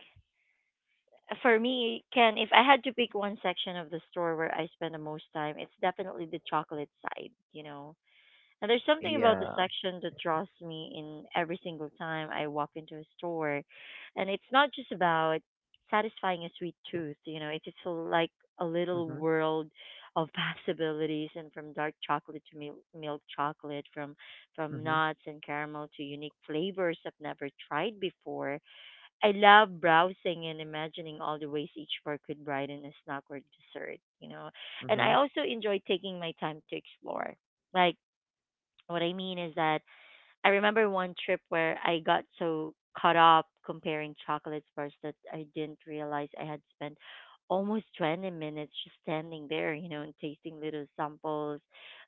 Speaker 1: for me, Ken, if I had to pick one section of the store where I spend the most time, it's definitely the chocolate side. You know, and there's something about the
Speaker 2: Yeah.
Speaker 1: section that draws me in every single time I walk into a store. And it's not just about satisfying a sweet tooth, it's just like a little
Speaker 2: Mm-hmm.
Speaker 1: world of possibilities and from dark chocolate to milk chocolate, from
Speaker 2: Mm-hmm.
Speaker 1: nuts and caramel to unique flavors I've never tried before. I love browsing and imagining all the ways each bar could brighten a snack or dessert. And
Speaker 2: Mm-hmm.
Speaker 1: I also enjoy taking my time to explore. Like what I mean is that I remember one trip where I got so caught up comparing chocolate bars that I didn't realize I had spent almost 20 minutes just standing there, and tasting little samples,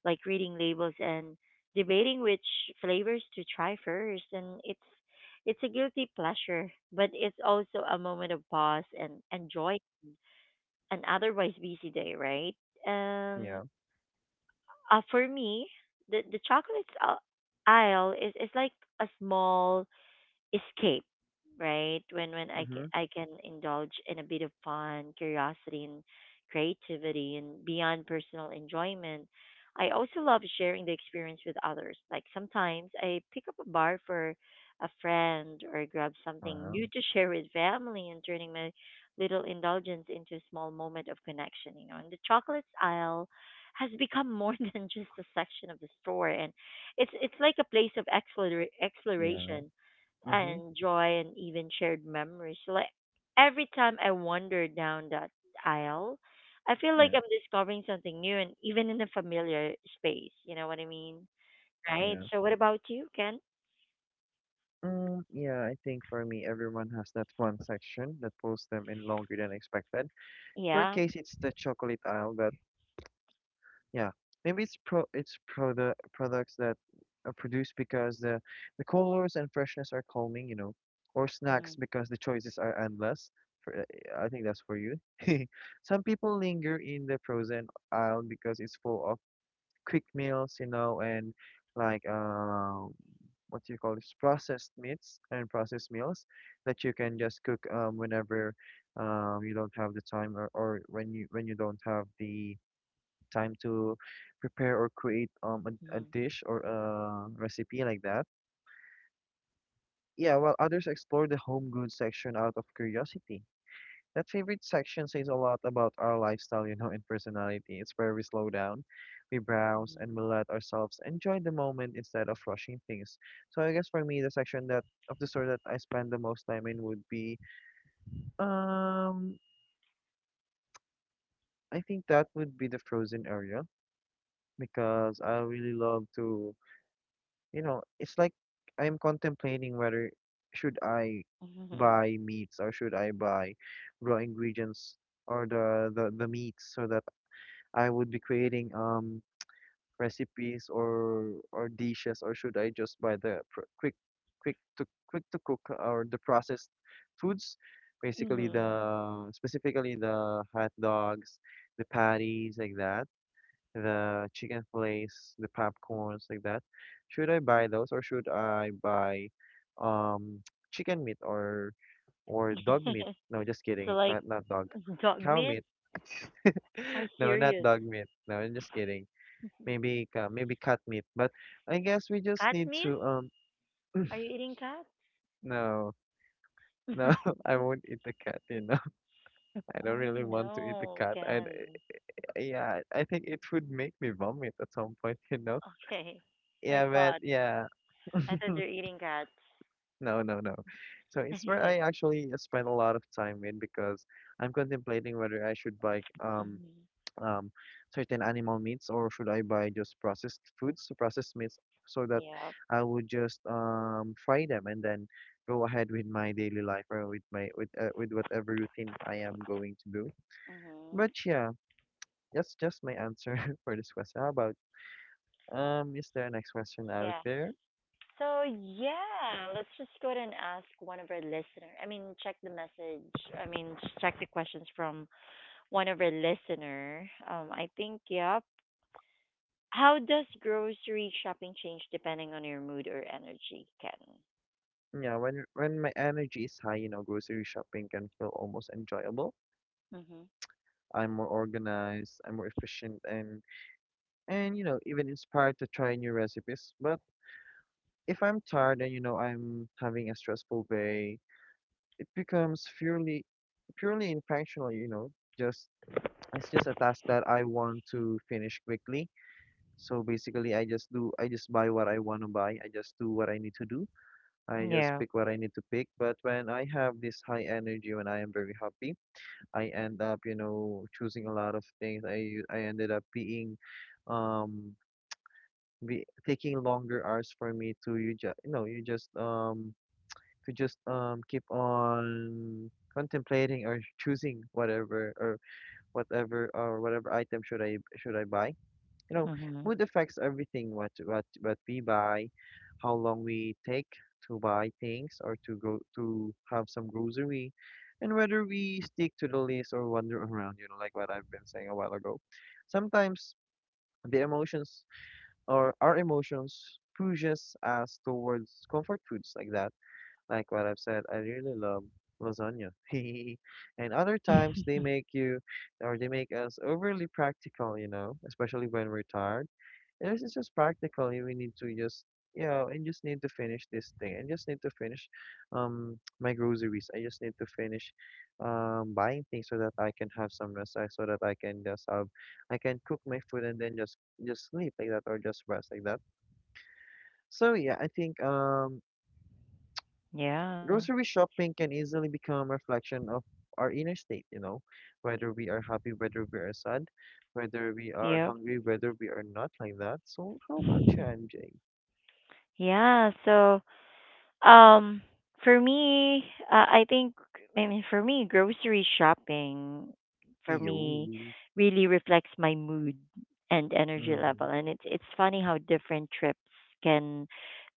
Speaker 1: like reading labels and debating which flavors to try first. And it's a guilty pleasure, but it's also a moment of pause and enjoy an otherwise busy day, right? And
Speaker 2: Yeah.
Speaker 1: for me, the chocolates aisle is like a small escape right when can
Speaker 2: Mm-hmm.
Speaker 1: I can indulge in a bit of fun curiosity and creativity. And beyond personal enjoyment, I also love sharing the experience with others. Like sometimes I pick up a bar for a friend or grab something
Speaker 2: Wow.
Speaker 1: new to share with family, and turning my little indulgence into a small moment of connection, you know. And the chocolates aisle has become more than just a section of the store, and it's like a place of
Speaker 2: Yeah.
Speaker 1: exploration
Speaker 2: Mm-hmm.
Speaker 1: and joy and even shared memories. So, like every time I wander down that aisle, I feel like
Speaker 2: Yeah.
Speaker 1: I'm discovering something new and even in a familiar space. You know what I mean? Right?
Speaker 2: Yeah.
Speaker 1: So what about you, Ken?
Speaker 2: Mm, yeah, I think for me, everyone has that one section that pulls them in longer than expected. For
Speaker 1: Yeah.
Speaker 2: Case, it's the chocolate aisle that yeah, maybe it's pro it's products that are produced, because the colors and freshness are calming, you know, or
Speaker 1: Mm-hmm.
Speaker 2: snacks because the choices are endless. For, eh, I think that's for you. Some people linger in the frozen aisle because it's full of quick meals, you know, and like what do you call this? Processed meats and processed meals that you can just cook whenever you don't have the time, or when you don't have the time to prepare or create a dish or a recipe like that. Yeah, while others explore the home goods section out of curiosity. That favorite section says a lot about our lifestyle, you know, and personality. It's where we slow down, we browse, and we let ourselves enjoy the moment instead of rushing things. So I guess for me, the section that of the store that I spend the most time in would be um I think that would be the frozen area, because I really love to you know, it's like I'm contemplating whether should I
Speaker 1: Mm-hmm.
Speaker 2: buy meats or should I buy raw ingredients or the meats, so that I would be creating recipes or dishes, or should I just buy the quick to cook or the processed foods, basically
Speaker 1: Mm-hmm.
Speaker 2: the specifically the hot dogs, the patties like that, the chicken fillets, the popcorns, like that. Should I buy those, or should I buy um chicken meat or dog meat? No, just
Speaker 1: So
Speaker 2: kidding.
Speaker 1: like
Speaker 2: Not not dog.
Speaker 1: dog
Speaker 2: Cow
Speaker 1: meat?
Speaker 2: meat.
Speaker 1: Are
Speaker 2: No, not
Speaker 1: serious?
Speaker 2: dog meat. No, I'm just kidding. Maybe maybe cat meat. But I guess we just
Speaker 1: Cat
Speaker 2: need
Speaker 1: meat?
Speaker 2: to
Speaker 1: Are you eating cat?
Speaker 2: no. No, I won't eat the cat, you know. I don't
Speaker 1: Oh
Speaker 2: really want to eat the
Speaker 1: no,
Speaker 2: cat. I
Speaker 1: Ken.
Speaker 2: yeah, I think it would make me vomit at some point, you know.
Speaker 1: Okay. I
Speaker 2: Yeah, but
Speaker 1: thought
Speaker 2: yeah.
Speaker 1: I thought you're eating cats.
Speaker 2: No, no, no. So it's where I actually spend a lot of time in because I'm contemplating whether I should buy
Speaker 1: Mhm.
Speaker 2: um certain animal meats, or should I buy just processed foods, so processed meats, so that
Speaker 1: Yep.
Speaker 2: I would just fry them and then go ahead with my daily life, or with my with whatever routine I am going to do.
Speaker 1: Mhm.
Speaker 2: But yeah, that's just my answer for this question. How about is there a next question out
Speaker 1: Yeah.
Speaker 2: there?
Speaker 1: So yeah, let's just go ahead and ask one of our listeners. I mean, check the message. I mean, check the questions from one of our listener. I think yep. How does grocery shopping change depending on your mood or energy, Ken?
Speaker 2: Yeah, when my energy is high, you know, grocery shopping can feel almost enjoyable.
Speaker 1: Mhm.
Speaker 2: I'm more organized, I'm more efficient, and you know, even inspired to try new recipes. But if I'm tired and you know I'm having a stressful day, it becomes purely functional, you know, just it's just a task that I want to finish quickly. So basically, I just do I just buy what I want to buy. I just do what I need to do. I just
Speaker 1: Yeah.
Speaker 2: pick what I need to pick. But when I have this high energy, when I am very happy. I end up, you know, choosing a lot of things. I ended up being um be taking longer hours for me to you just you know you just to just keep on contemplating or choosing whatever or whatever or whatever item should I buy, you know,
Speaker 1: Mhm.
Speaker 2: mood affects everything, what we buy, how long we take to buy things, or to go to have some grocery, and whether we stick to the list or wander around, you know, like what I've been saying a while ago. Sometimes the emotions or our emotions pushes us towards comfort foods like that, like what I've said, I really love lasagna. And other times they make you or they make us overly practical, you know, especially when we're tired, this is just practical. We need to just, you know, and just need to finish this thing. I just need to finish my groceries. I just need to finish buying things so that I can have some rest, so that I can just have I can cook my food and then just sleep like that, or just rest like that. So yeah, I think
Speaker 1: Yeah.
Speaker 2: grocery shopping can easily become a reflection of our inner state, you know, whether we are happy, whether we are sad, whether we are
Speaker 1: Yep.
Speaker 2: hungry, whether we are not like that. So how about you, MJ?
Speaker 1: Yeah. So. Um, for me, I think I mean for me, grocery shopping for
Speaker 2: Iyon.
Speaker 1: me really reflects my mood and energy level,
Speaker 2: Mhm.
Speaker 1: and it's funny how different trips can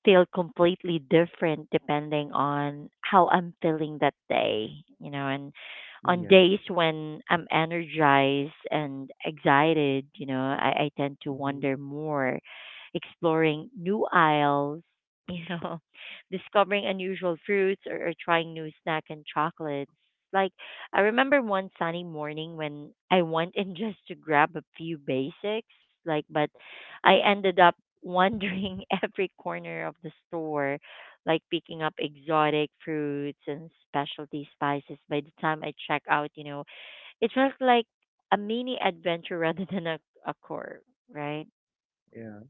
Speaker 1: feel completely different depending on how I'm feeling that day, you know. And on
Speaker 2: Yeah.
Speaker 1: days when I'm energized and excited, you know, I tend to wander
Speaker 2: Mhm.
Speaker 1: more, exploring new aisles, you know, discovering unusual fruits or trying new snack and chocolates. Like I remember one sunny morning when I went in just to grab a few basics, but I ended up wandering every corner of the store, like picking up exotic fruits and specialty spices. By the time I check out, you know, it felt like a mini adventure rather than a core, right?
Speaker 2: Yeah.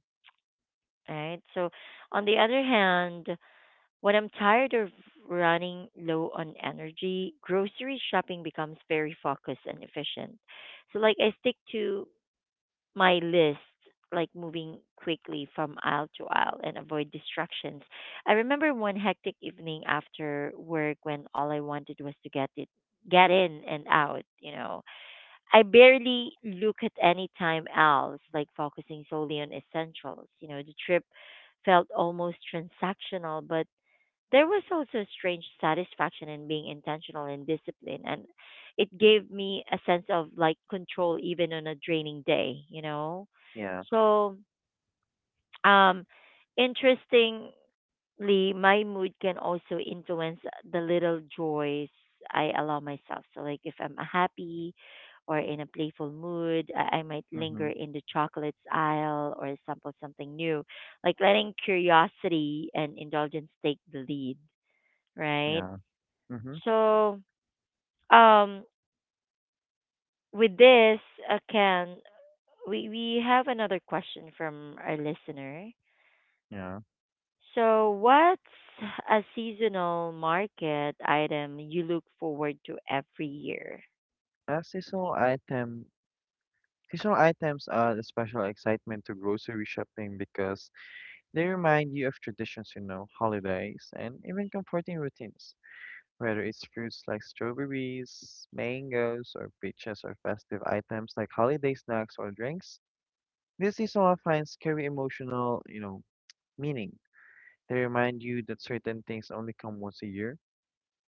Speaker 1: Right. So on the other hand, when I'm tired or running low on energy, grocery shopping becomes very focused and efficient. So like I stick to my list, like moving quickly from aisle to aisle and avoid distractions. I remember one hectic evening after work when all I wanted was to get in and out, you know. I barely look at any time else, like focusing solely on essentials. You know, the trip felt almost transactional, but there was also a strange satisfaction in being intentional and disciplined, and it gave me a sense of like control even on a draining day, you know.
Speaker 2: Yeah.
Speaker 1: So, um, interestingly, my mood can also influence the little joys I allow myself. So, like if I'm happy or in a playful mood, I might linger
Speaker 2: Mhm.
Speaker 1: in the chocolates aisle or sample something new, like letting curiosity and indulgence take the lead, right?
Speaker 2: Yeah. Mhm.
Speaker 1: So, um, with this, Ken, we have another question from our listener.
Speaker 2: Yeah.
Speaker 1: So, what's a seasonal market item you look forward to every year?
Speaker 2: Seasonal item. Seasonal items add a special excitement to grocery shopping because they remind you of traditions, you know, holidays, and even comforting routines. Whether it's fruits like strawberries, mangoes, or peaches, or festive items like holiday snacks or drinks, these seasonal finds carry emotional, you know, meaning. They remind you that certain things only come once a year,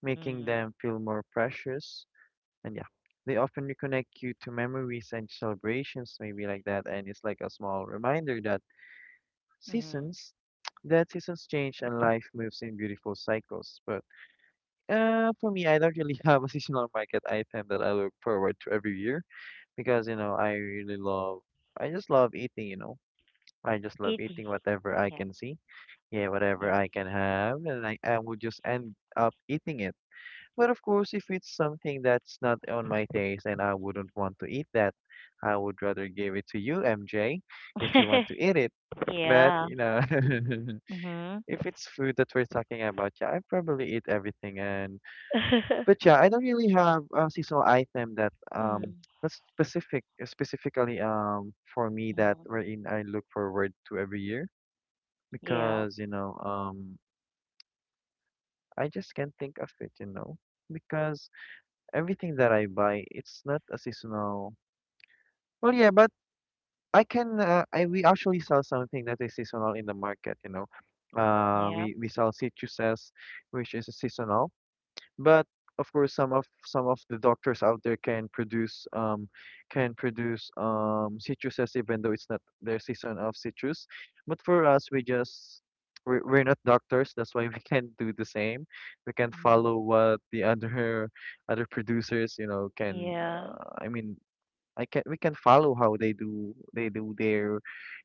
Speaker 2: making
Speaker 1: Mm-hmm.
Speaker 2: them feel more precious. And yeah, they often reconnect you to memories and celebrations, maybe like that. And it's like a small reminder that
Speaker 1: Mm-hmm.
Speaker 2: seasons, that seasons change and life moves in beautiful cycles. But for me, I don't really have a seasonal market item that I look forward to every year, because you know I really love, I just love eating. You know, I just love
Speaker 1: Eating.
Speaker 2: eating whatever I
Speaker 1: Yeah.
Speaker 2: can see. Yeah, whatever I can have, and I would just end up eating it. But of course, if it's something that's not on my taste and I wouldn't want to eat that, I would rather give it to you, MJ, if you
Speaker 1: Yeah.
Speaker 2: want to eat it. But, you
Speaker 1: Yeah.
Speaker 2: know,
Speaker 1: Mm-hmm.
Speaker 2: if it's food that we're talking about, yeah, I probably eat everything. And but yeah, I don't really have a seasonal item that
Speaker 1: Mm-hmm.
Speaker 2: that's specifically for me, that wherein I look forward to every year
Speaker 1: Yeah.
Speaker 2: because, you know, I just can't think of it, you know, because everything that I buy, it's not a seasonal. Well, yeah, but I can. I we actually sell something that is seasonal in the market. You know,
Speaker 1: Yeah.
Speaker 2: we sell citruses, which is a seasonal. But of course, some of the doctors out there can produce citruses even though it's not their season of citrus. But for us, we just we're not doctors. That's why we can't do the same. We can
Speaker 1: Mm-hmm.
Speaker 2: follow what the other other producers, you know, can.
Speaker 1: Yeah.
Speaker 2: I mean, I can we can follow how they do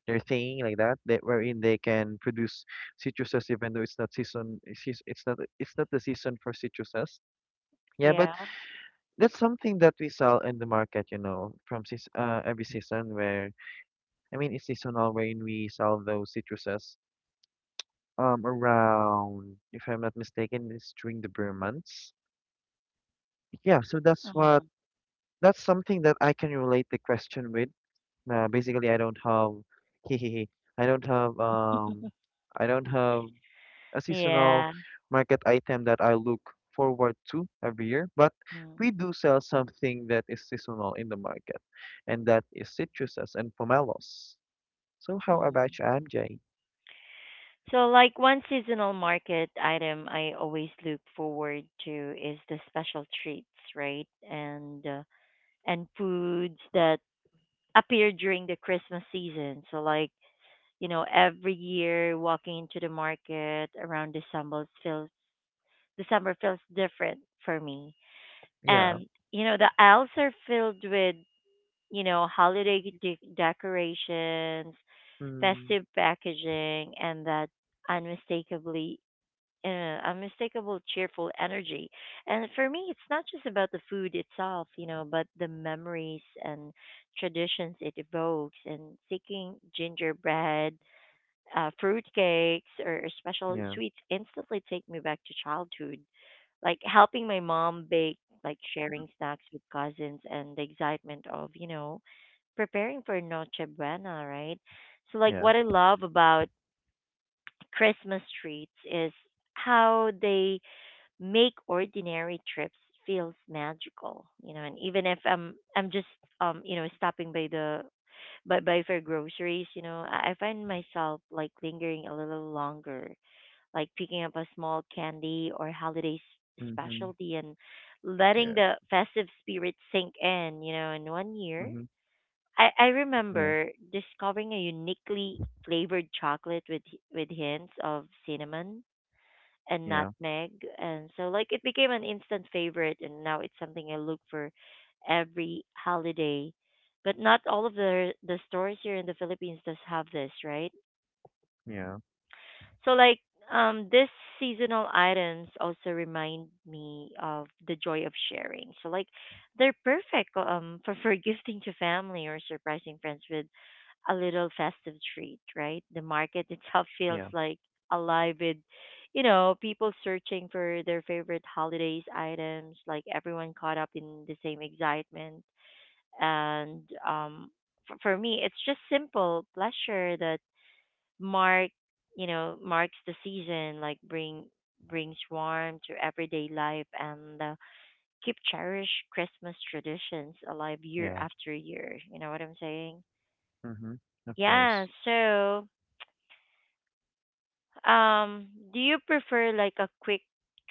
Speaker 2: their thing like that. That wherein they can produce citruses even though it's not season. It's it's not the season for citruses, yeah, but
Speaker 1: Yeah.
Speaker 2: that's something that we sell in the market, you know, from seas every season where, I mean, it's seasonal when we sell those citruses around, if I'm not mistaken, it's during the beer months. Yeah, so
Speaker 1: Mm-hmm.
Speaker 2: that's something that I can relate the question with. Basically, I don't have, I don't have um, I don't have a seasonal
Speaker 1: Yeah.
Speaker 2: market item that I look forward to every year, but we do sell something that is seasonal in the market, and that is citruses and pomelos. So how
Speaker 1: Mm-hmm.
Speaker 2: about you, MJ?
Speaker 1: So, like one seasonal market item I always look forward to is the special treats, right? And foods that appear during the Christmas season. So, like you know, every year walking into the market around December feels different for me.
Speaker 2: Yeah.
Speaker 1: And you know, the aisles are filled with you know holiday decorations,
Speaker 2: Mm,
Speaker 1: festive packaging, and that unmistakably unmistakable cheerful energy. And for me, it's not just about the food itself, you know, but the memories and traditions it evokes. And seeking gingerbread, fruit cakes, or special
Speaker 2: yeah.
Speaker 1: sweets instantly take me back to childhood. Like helping my mom bake, like sharing snacks with cousins, and the excitement of, you know, preparing for Noche Buena, right? So, like,
Speaker 2: Yeah.
Speaker 1: what I love about Christmas treats is how they make ordinary trips feels magical, you know. And even if I'm just you know stopping by the by for groceries, you know, I find myself like lingering a little longer, like picking up a small candy or holiday
Speaker 2: Mm-hmm.
Speaker 1: specialty, and letting
Speaker 2: Yeah.
Speaker 1: the festive spirit sink in, you know. In one year
Speaker 2: Mm-hmm.
Speaker 1: I
Speaker 2: Yeah.
Speaker 1: remember discovering a uniquely flavored chocolate with hints of cinnamon and
Speaker 2: Yeah.
Speaker 1: nutmeg. And so, like, it became an instant favorite, and now it's something I look for every holiday. But not all of the stores here in the Philippines does have this, right?
Speaker 2: Yeah.
Speaker 1: So like this seasonal items also remind me of the joy of sharing. So like they're perfect for gifting to family or surprising friends with a little festive treat, right? The market itself feels
Speaker 2: Yeah.
Speaker 1: like alive with, you know, people searching for their favorite holidays items, like everyone caught up in the same excitement. And for me, it's just simple pleasure that mark you know marks the season, like brings warmth to everyday life and keep cherish Christmas traditions alive year
Speaker 2: Yeah.
Speaker 1: after year, you know what I'm saying.
Speaker 2: Mm-hmm. Of
Speaker 1: Yeah
Speaker 2: course.
Speaker 1: so um do you prefer like a quick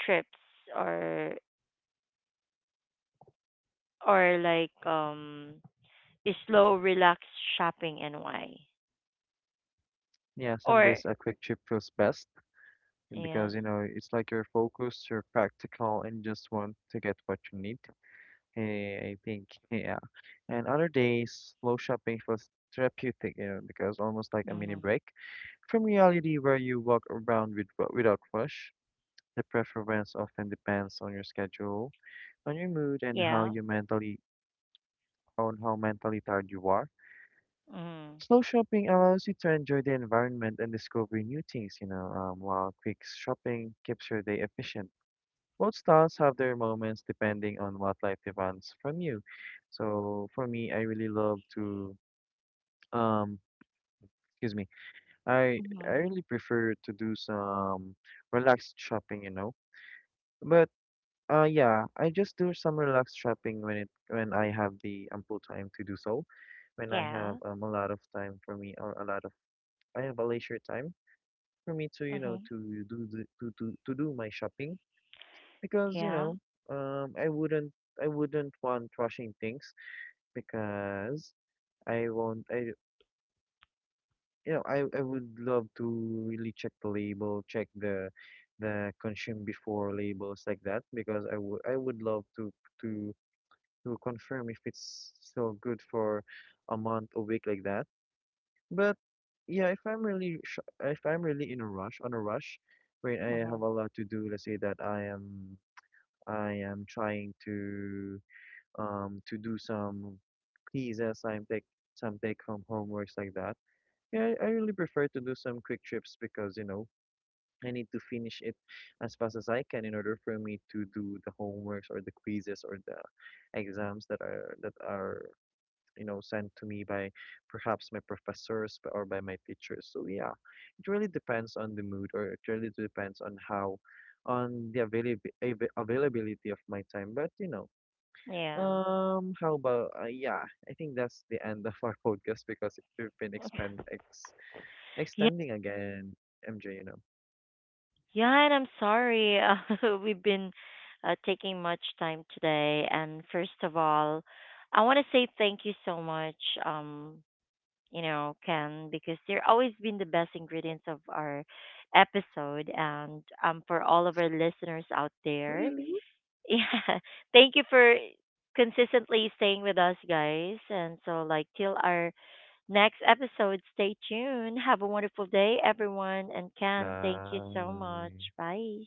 Speaker 1: trips or or like a slow relaxed shopping and why
Speaker 2: Yeah, some
Speaker 1: or
Speaker 2: days a quick trip feels best
Speaker 1: yeah
Speaker 2: because you know it's like you're focused, you're practical, and just want to get what you need. Hey, I think yeah. And other days, slow shopping was therapeutic, you know, because almost like a mini
Speaker 1: mm-hmm.
Speaker 2: break from reality where you walk around with, without rush. The preference often depends on your schedule, on your mood, and how
Speaker 1: Yeah
Speaker 2: you mentally, on how mentally tired you are.
Speaker 1: mm-hmm.
Speaker 2: Slow shopping allows you to enjoy the environment and discover new things, you know, while quick shopping keeps your day efficient. Both styles have their moments depending on what life demands from you. So for me, I really love to, um, excuse me, I
Speaker 1: Mm-hmm,
Speaker 2: I really prefer to do some relaxed shopping, you know. But yeah, I just do some relaxed shopping when it when I have the ample time to do so. When I have
Speaker 1: yeah
Speaker 2: a lot of time for me, or a lot of I have a leisure time for me to, you know,
Speaker 1: hmm
Speaker 2: to do the, to do my shopping because, you
Speaker 1: yeah
Speaker 2: know, um I wouldn't I wouldn't want rushing things because I won't I you know, I would love to really check the label, check the consume before labels like that, because I would love to to to confirm if it's still good for a month, a week like that. But yeah, if I'm really in a rush, on a rush where I
Speaker 1: hmm.
Speaker 2: have a lot to do, let's say that I am trying to do some quizzes, some take home homeworks like that. Yeah, I really prefer to do some quick trips because, you know, I need to finish it as fast as I can in order for me to do the homeworks or the quizzes or the exams that are, you know, sent to me by perhaps my professors or by my teachers. So yeah, it really depends on the mood, or it really depends on how on the availab- av- availability of my time. But, you know,
Speaker 1: Yeah.
Speaker 2: how about yeah, I think that's the end of our podcast because we've been expand ex
Speaker 1: Yeah.
Speaker 2: extending again, MJ, you know.
Speaker 1: Yeah, and I'm sorry. We've been taking much time today. And first of all, I want to say thank you so much, um, you know, Ken, because you're always been the best ingredients of our episode. And for all of our listeners out there,
Speaker 2: Really?
Speaker 1: yeah, thank you for consistently staying with us, guys. And so, like, till our next episode. Stay tuned. Have a wonderful day, everyone. And Ken, thank you so much.
Speaker 2: Bye.
Speaker 1: Bye.